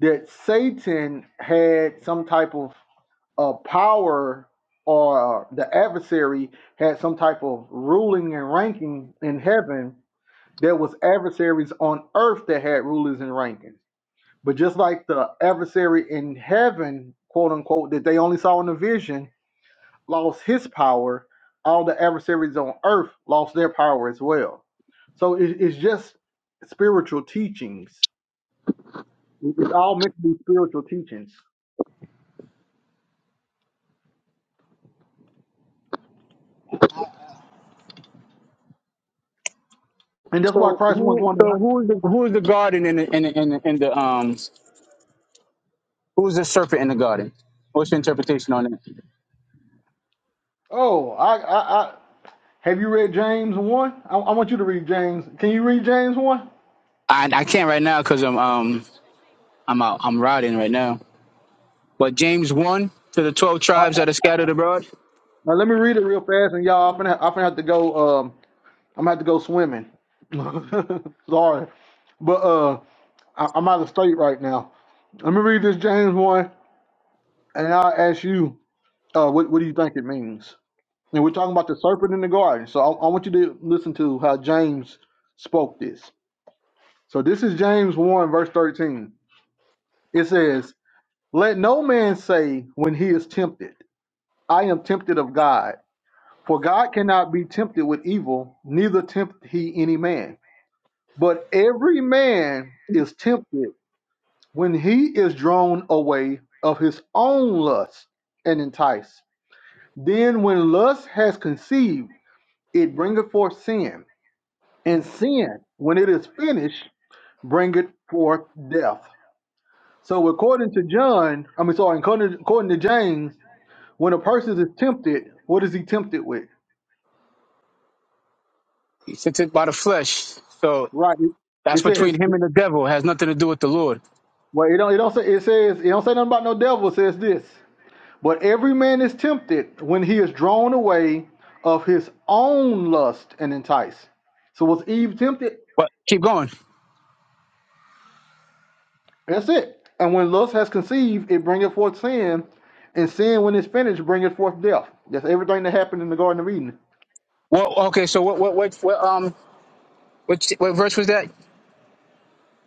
that Satan had some type of uh, power or uh, the adversary had some type of ruling and ranking in heaven. There was adversaries on earth that had rulers and rankings. But just like the adversary in heaven, quote unquote, that they only saw in the vision, lost his power, all the adversaries on earth lost their power as well. So it- it's just spiritual teachings. It- It's all meant to be spiritual teachings. And that's why So Christ wasn't who going to. so who's the who's the garden in the in the, in the, in the um who's the serpent in the garden? What's your interpretation on it? Oh, I, I, I have you read James one? I, I want you to read James. Can you read James one? I I can't right now because I'm um I'm out I'm riding right now. But James 1 to the 12 Uh, tribes that are scattered abroad, Now let me read it real fast, and y'all, I'm gonna, I'm gonna have to go. Um, I'm gonna have to go swimming. Sorry, but uh, I, I'm out of state right now. Let me read this James one, and I'll ask you, uh, what, what do you think it means? And we're talking about the serpent in the garden, so I, I want you to listen to how James spoke this. So this is James one verse thirteen. It says. Let no man say when he is tempted, I am tempted of God. For God cannot be tempted with evil, neither tempt he any man. But every man is tempted when he is drawn away of his own lust and enticed. Then, when lust has conceived, it bringeth forth sin. And sin, when it is finished, bringeth forth death. So, according to John, I mean, sorry, according, according to James, When a person is tempted, what is he tempted with? he sent it by the flesh. So Right. It that's it between says, him and the devil. It has nothing to do with the Lord. well, it don't, it don't say, it says, it don't say nothing about no devil. It says this, but every man is tempted when he is drawn away of his own lust and enticed. So was Eve tempted? But keep going. That's it. And when lust has conceived, it bringeth forth sin, and sin, when it's finished, bringeth forth death. That's everything that happened in the Garden of Eden. Well, okay, so what, what, what, what, um, which, what verse was that?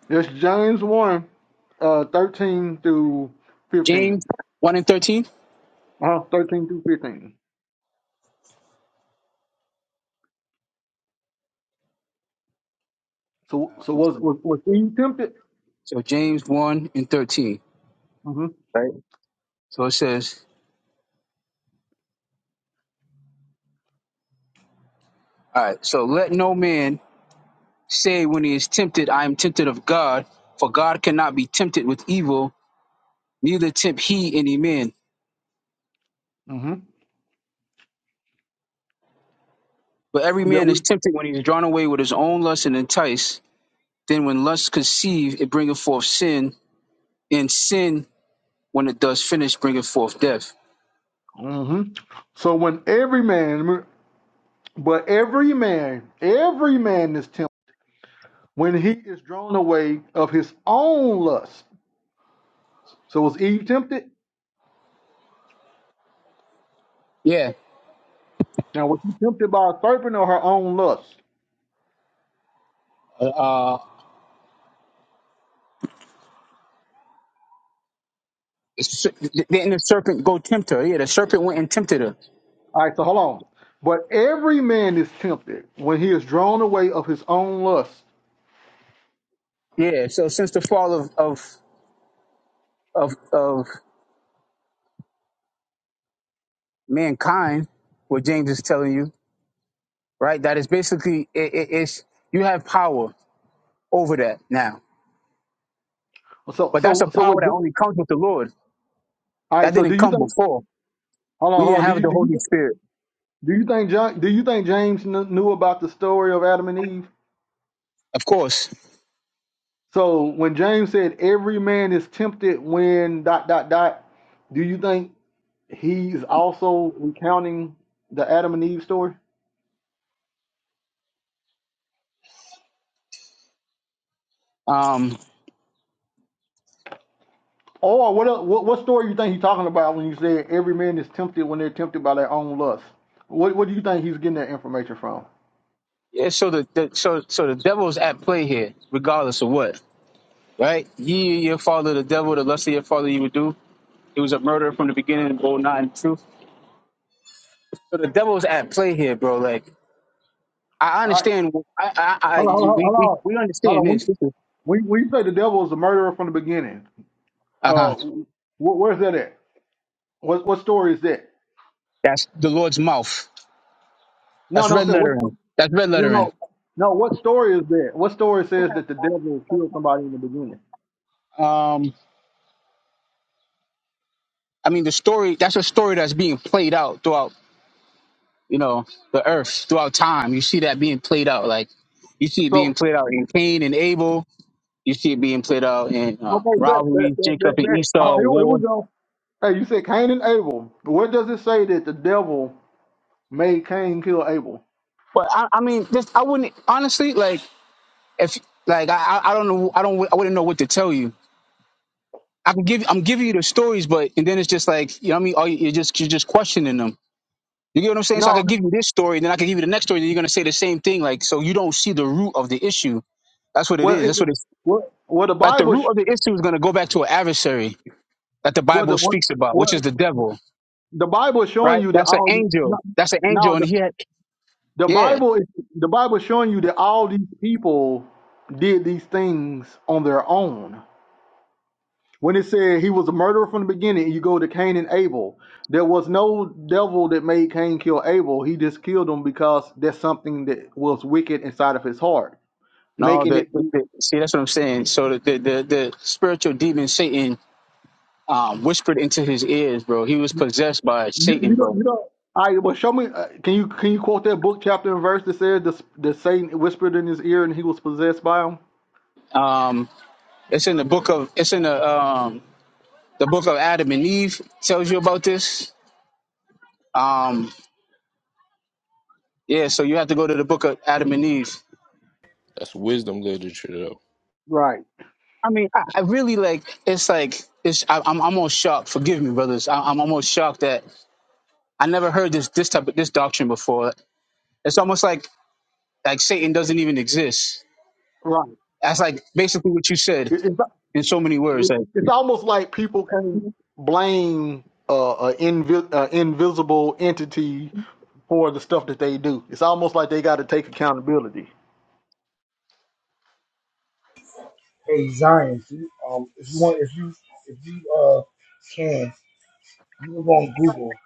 That's James 1, uh, 13 through 15. James 1 and 13? Uh-huh. 13 through 15. So so was was, was Eve tempted? So James 1 and 13. hmm So it says, all right, so let no man say when he is tempted, I am tempted of God, for God cannot be tempted with evil, neither tempt he any man. hmm But every That man is was, tempted when he is drawn away with his own lust and enticed. Then when lust conceived, it bringeth forth sin, and sin, when it does finish, bringeth forth death. hmm So when every man, but every man, every man is tempted when he is drawn away of his own lust. So was Eve tempted? Yeah. Now was she tempted by a serpent or her own lust? Uh, s- didn't the serpent go tempt her? Yeah, the serpent went and tempted her. All right, so hold on. But every man is tempted when he is drawn away of his own lust. Yeah. So since the fall of of of of mankind, what James is telling you, right? That is basically it, it, it's you have power over that now, So but that's a so so power what? that only comes with the Lord. All right. That So do didn't you come think? before. Hold on, We hold didn't on. Do have you the do you? Holy Spirit. Do you think John, do you think James kn- knew about the story of Adam and Eve? Of course. So when James said every man is tempted when dot dot dot, do you think he's also recounting the Adam and Eve story? Um, Or what el- what what story you think he's talking about when you said every man is tempted when they're tempted by their own lust? What what do you think he's getting that information from? Yeah, so the, the so so the devil's at play here, regardless of what, right? Ye your father, the devil, the lust of your father, you would do. He was a murderer from the beginning, and bold not in truth. So the devil's at play here, bro. Like I All right, understand, I I, I hold on, hold on, we, hold we on. we Hold understand on. this. When, this is, when, when you say the devil is a murderer from the beginning, uh, uh-huh. wh- where's that at? What what story is that? That's the Lord's mouth. No, That's no, red sir. What lettering. That's red you lettering. know? No, what story is that? What story says that the devil killed somebody in the beginning? Um, I mean the story. That's a story that's being played out throughout, you know, the earth, throughout time. You see that being played out, like you see it being So played out in Cain and Abel You see it being played out in uh, okay, that that rivalry, that Jacob that, and that uh, Esau, here, here war. we go. Hey, you said Cain and Abel. Where does it say that the devil made Cain kill Abel? But I, I mean, this I wouldn't honestly like if like I, I I don't know I don't I wouldn't know what to tell you. I can give I'm giving you the stories, but and then it's just like you know what I mean. Oh, you're just you're just questioning them. You get what I'm saying? So I No, could no. give you this story, then I could give you the next story, then you're gonna say the same thing. Like so, you don't see the root of the issue. That's what it well, is. it, That's what it's what what the like. The Bible sh- root of the issue is gonna go back to an adversary that the what the Bible what, speaks about, what which is the devil, the Bible is showing right? you that That's an all the- no, angel. That's an no angel, and the, he had the yeah. Bible is the Bible is showing you that all these people did these things on their own When it said he was a murderer from the beginning, you go to Cain and Abel. There was no devil that made Cain kill Abel. He just killed him because there's something that was wicked inside of his heart, No, making the, it. the, You, the see that's what I'm saying. So the the, the, the spiritual demon Satan um, whispered into his ears, bro. He was possessed by Satan, you don't. bro. You don't. All right, well, show me. Uh, can you can you quote that book chapter and verse that says the the Satan whispered in his ear and he was possessed by him? Um, it's in the book of it's in the um, the book of Adam and Eve tells you about this. Um, yeah, so you have to go to the book of Adam and Eve. that's wisdom literature, though. Right. I mean, I, I really like it's like it's I, I'm almost shocked. Forgive me, brothers. I, I'm almost shocked that I never heard this this type of this doctrine before. It's almost like like Satan doesn't even exist Right. That's like basically what you said It- in so many words. it's, Like, it's almost like people can blame uh, an invi- uh, invisible entity for the stuff that they do. It's almost like they got to take accountability. hey Zion, if you, um, if you want, if you, if you uh can, you can go on Google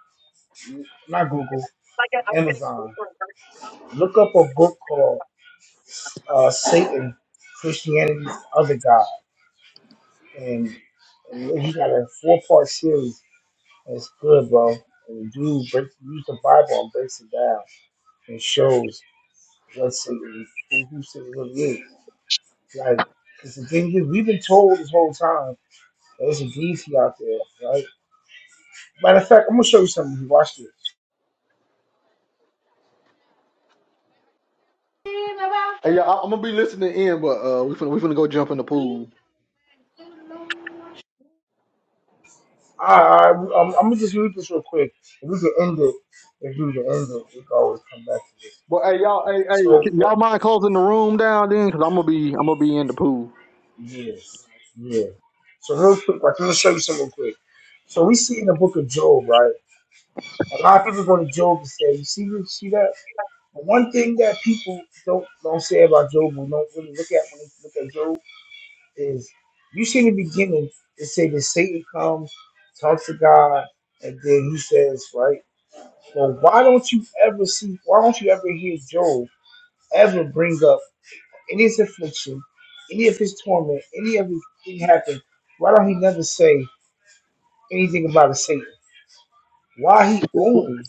not Google, Amazon. Look up a book called uh, Satan, Christianity's Other God. And, and he got a four part series. And it's good, bro. And the dude breaks, use the Bible and breaks it down and shows what Satan is, who, who Satan really is. Like, because the thing is, we've been told this whole time that there's a deity out there, right? Matter of fact, I'm going to show you something. You watched it. Hey, y'all, I- am gonna be listening in, but uh, we finna we finna go jump in the pool. I, I, I'm, I'm gonna just read this real quick. If we can end it, if we can end it, we can always come back to this. But hey, y'all, hey, hey, So, but- y'all mind closing the room down then? Cause I'm gonna be I'm gonna be in the pool. yeah, yeah. So real quick, like, let me show you something real quick. So we see in the book of Job, right? A lot of people go to Job and say, "You see, you see that." But one thing that people don't don't say about Job, or don't really look at when they look at Job, is you see in the beginning, it say that Satan comes, talks to God, and then he says, right? Well, why don't you ever see, why don't you ever hear Job ever bring up any of his affliction, any of his torment, any of his thing happen? Why don't he never say anything about a Satan? Why he only,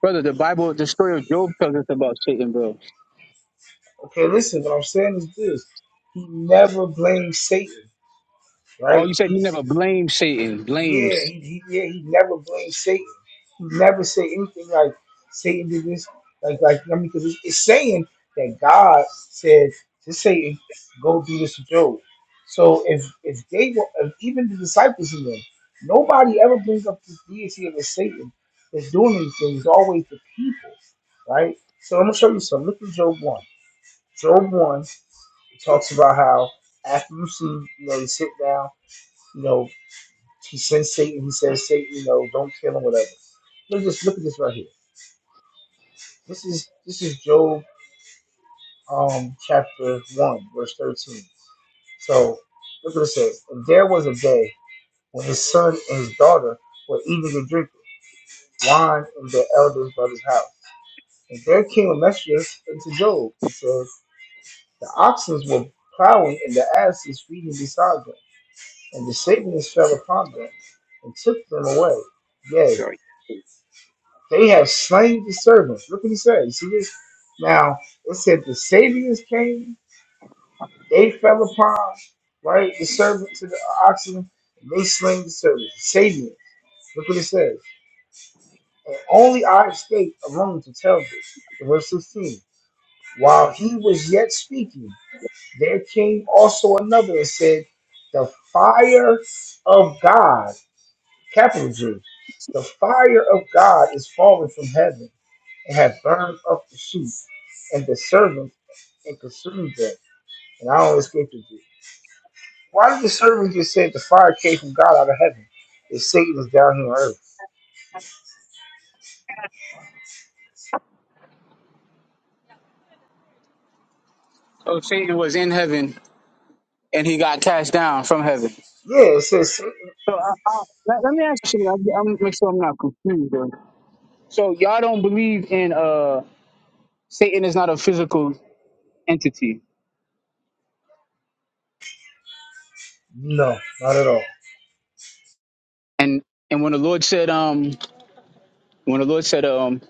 brother, the Bible, the story of Job tells us about Satan, bro. okay, listen, what I'm saying is this. He never blames Satan, right? Oh, you said you He never blame Satan, Yeah, blames. he, he yeah he never blames Satan. He never say anything like Satan did this. Like like I mean, because it's, it's saying that God said to Satan, "Go do this to Job." So if if they were if even the disciples in them, nobody ever brings up the deity of the Satan that's doing anything. It's always the people, right? So I'm gonna show you some. Look at Job one. Job one it talks about how after you see you know you sit down. you know. He sends Satan. He says, Satan, you know, don't kill him, whatever. Look at this. Look at this right here. This is this is Job, um, chapter one, verse thirteen. So look what it says. And there was a day when his son and his daughter were eating and drinking wine in their elder's brother's house. And there came a messenger unto Job and said, The oxen were plowing and the asses feeding beside them. And the Satanists fell upon them and took them away. Yea." They have slain the servants. Look what he said. You see this? Now, it said the Sabians came, they fell upon, right, the servant to the oxen, and they slain the servants. The Sabians. Look what it says. And only I escaped alone to tell this. Verse 16. While he was yet speaking, there came also another and said, The fire of God, capital G, the fire of God is falling from heaven and had burned up the sheep and the servants and consumed them, and I only escaped with you. Why did the servant just say the fire came from God out of heaven if Satan is down here on earth? Oh, Satan was in heaven and he got cast down from heaven. Yeah, it says Satan. So I, I, let, let me ask you something. I'm I'm- make sure I'm not confused. Bro. So y'all don't believe in uh Satan is not a physical entity, No, not at all. and and when the Lord said um when the Lord said um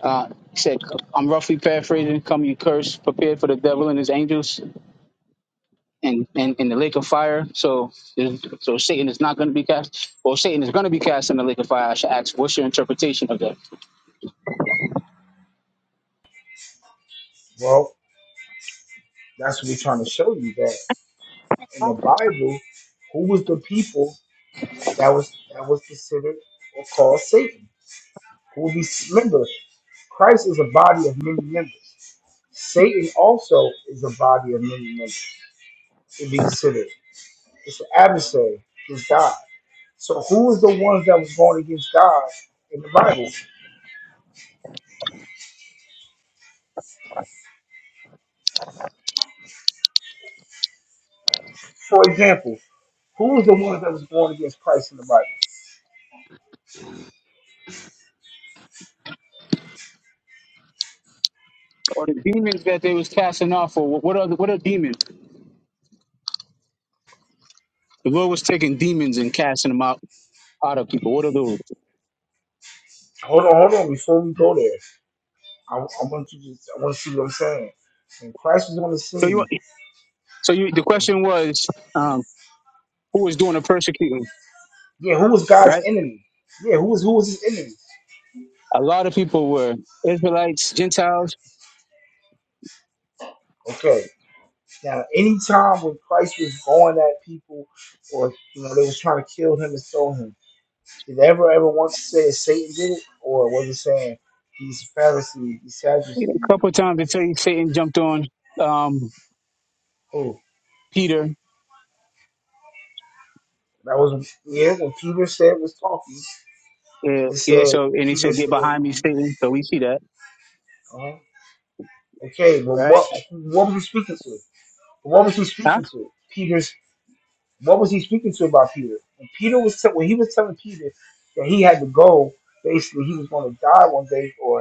uh he said I'm roughly paraphrasing, come you curse, prepared for the devil and his angels in, in, in the lake of fire. So, so Satan is not going to be cast. Well, Satan is going to be cast in the lake of fire. I should ask, what's your interpretation of that? Well, that's what we're trying to show you that in the Bible, who was the people that was that was considered or called Satan? Who will be remember, Christ is a body of many members. Satan also is a body of many members to be considered. It's an adversary. It's God. So who's the ones that was going against God in the Bible? For example, who's the ones that was going against Christ in the Bible? Or the demons that they was casting off, or what are the, what are demons? The Lord was taking demons and casting them out out of people. What are those? Hold on, hold on. Before we go there, I, I want you to I want to see what I'm saying. When Christ was on the So you scene, so you the question was, um, who was doing the persecuting? yeah, who was God's Right? enemy? Yeah, who was who was his enemy? A lot of people were Israelites, Gentiles. Okay. Now, anytime when Christ was going at people, or you know, they was trying to kill him and stone him Did they ever ever once say Satan did it, or was it saying these Pharisees, these Sadducees, A couple and of times they tell you Satan jumped on um, who? Peter. That was yeah. When Peter said was talking, Yeah, and it yeah. said So and he Peter said, "Get said, behind me, Satan." So we see that, uh, "Okay, well, right? what what was he speaking to? What was he Huh? speaking to? Peter's what was he speaking to about Peter? And Peter was t- when he was telling Peter that he had to go. Basically, he was going to die one day, or.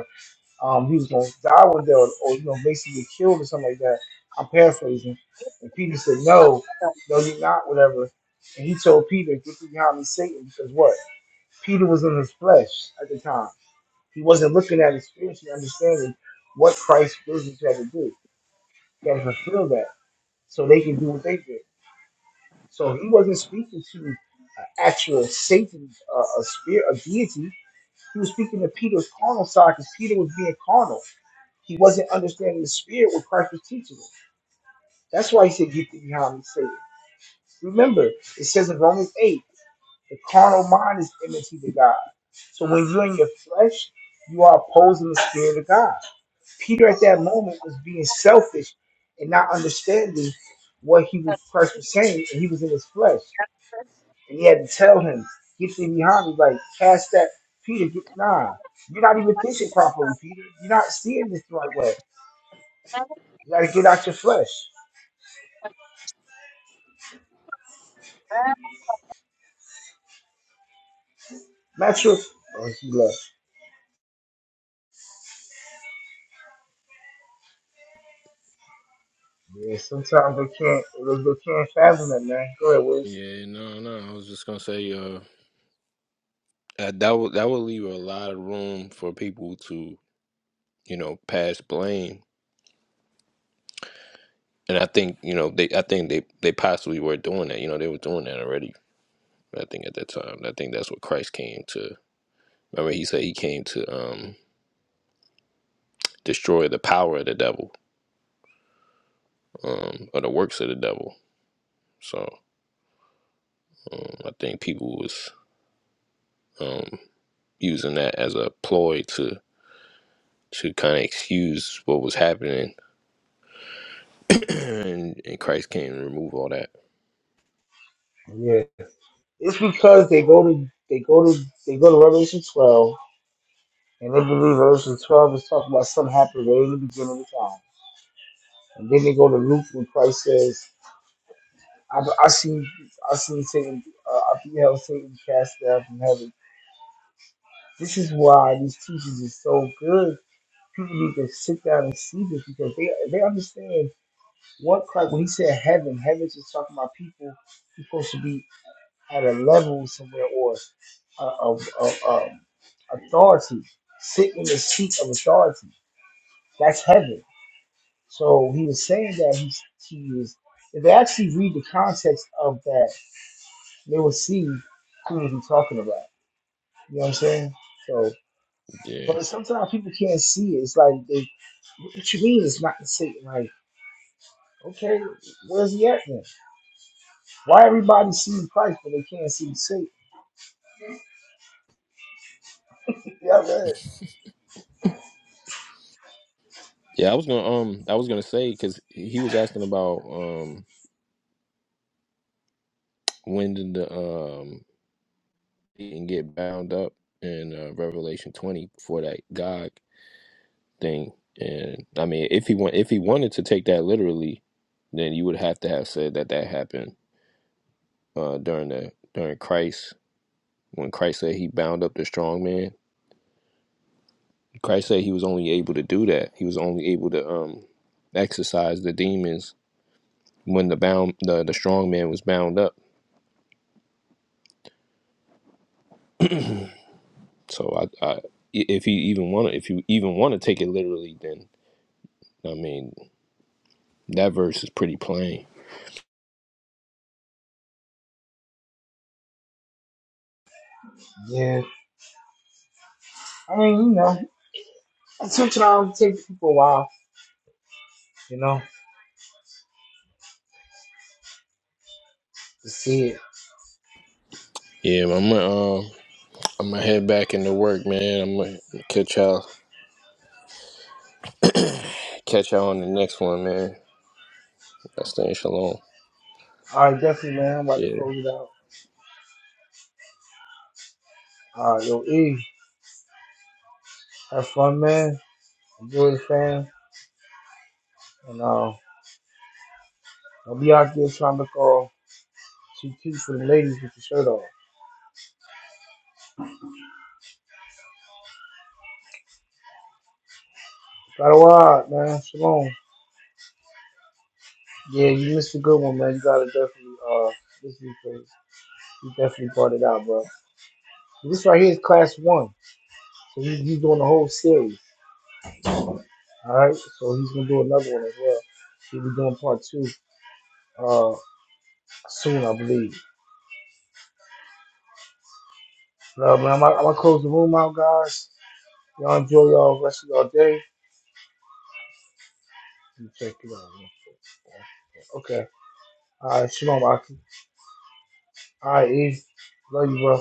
um, he was going to die one day or, or you know, basically get killed or something like that. I'm paraphrasing. And Peter said, No, no, you're not, whatever. And he told Peter, Get thee behind me, Satan, because what? Peter was in his flesh at the time. He wasn't looking at it spiritually, understanding what Christ's business had to do. He had to fulfill that so they can do what they did. So he wasn't speaking to an actual Satan, uh, a spirit, a deity. He was speaking to Peter's carnal side because Peter was being carnal. He wasn't understanding the spirit what Christ was teaching him. That's why he said, Get thee behind me, Satan. Remember, it says in Romans 8, the carnal mind is enmity to God. So when you're in your flesh, you are opposing the spirit of God. Peter at that moment was being selfish and not understanding what he was Christ was saying, and he was in his flesh. And he had to tell him, Get thee behind me, like cast that Peter, get, nah. You're not even thinking properly, Peter. You're not seeing this the right way. You gotta get out your flesh. Not sure. Oh, he left. Yeah, sometimes they can't. They, they can't fathom it, man. Go ahead, Wiz. Yeah, no, no. I was just gonna say, uh, that that would that would leave a lot of room for people to, you know, pass blame. And I think you know they, I think they they possibly were doing that. You know, they were doing that already I think at that time, I think that's what Christ came to. Remember, he said he came to um, destroy the power of the devil um, or the works of the devil. So um, I think people was um, using that as a ploy to to kind of excuse what was happening, and, and Christ came to remove all that. Yeah, it's because they go to they go to they go to Revelation twelve and they believe Revelation twelve is talking about something happened right in the beginning of the time, and then they go to Luke when Christ says, "I, I see, I see Satan, uh, I beheld Satan cast down from heaven." This is why these teachers are so good. People need to sit down and see this because they they understand What Like When he said heaven, heaven's just talking about people who's supposed to be at a level somewhere or a, a, a, a authority, sit in the seat of authority. That's heaven. So he was saying that he, he was. If they actually read the context of that, they will see who he's talking about. You know what I'm saying? So, Yeah, but sometimes people can't see it. It's like they, what you mean? It's not the same. Like, okay, where's he at then? Why everybody sees Christ but they can't see Satan? Yeah, man. yeah. I was gonna um, I was gonna say because he was asking about um, when did the um, Satan get bound up in uh, Revelation twenty before that God thing. And I mean, if he want, if he wanted to take that literally, then you would have to have said that that happened uh, during the during Christ when Christ said he bound up the strong man. Christ said he was only able to do that. He was only able to um, exercise the demons when the bound the, the strong man was bound up. So I, I if he even want to if you even want to take it literally, then I mean that verse is pretty plain. Yeah. I mean, you know, sometimes it takes people a while, you know, to see it. Yeah, I'm gonna um, I'm gonna head back into work, man. I'm gonna catch y'all Catch y'all on the next one, man. Y'all stay shalom. All right, definitely, man. I'm about Yeah. to close it out. All right, yo, E, have fun, man. Enjoy the fam. And uh, don't be out there trying to call too cute for the ladies with the shirt off. Got a ride, man. Shalom. Yeah, you missed a good one, man. You gotta definitely uh, this replay. You definitely brought it out, bro. This right here is class one, so you you doing the whole series. All right, so he's gonna do another one as well. He'll be doing part two uh soon, I believe. Love, man. I'm gonna I'm gonna close the room out, guys. Y'all enjoy y'all rest of y'all day. Let me check it out. Okay. All right, shalom, Aki. All right, E. Love you, bro.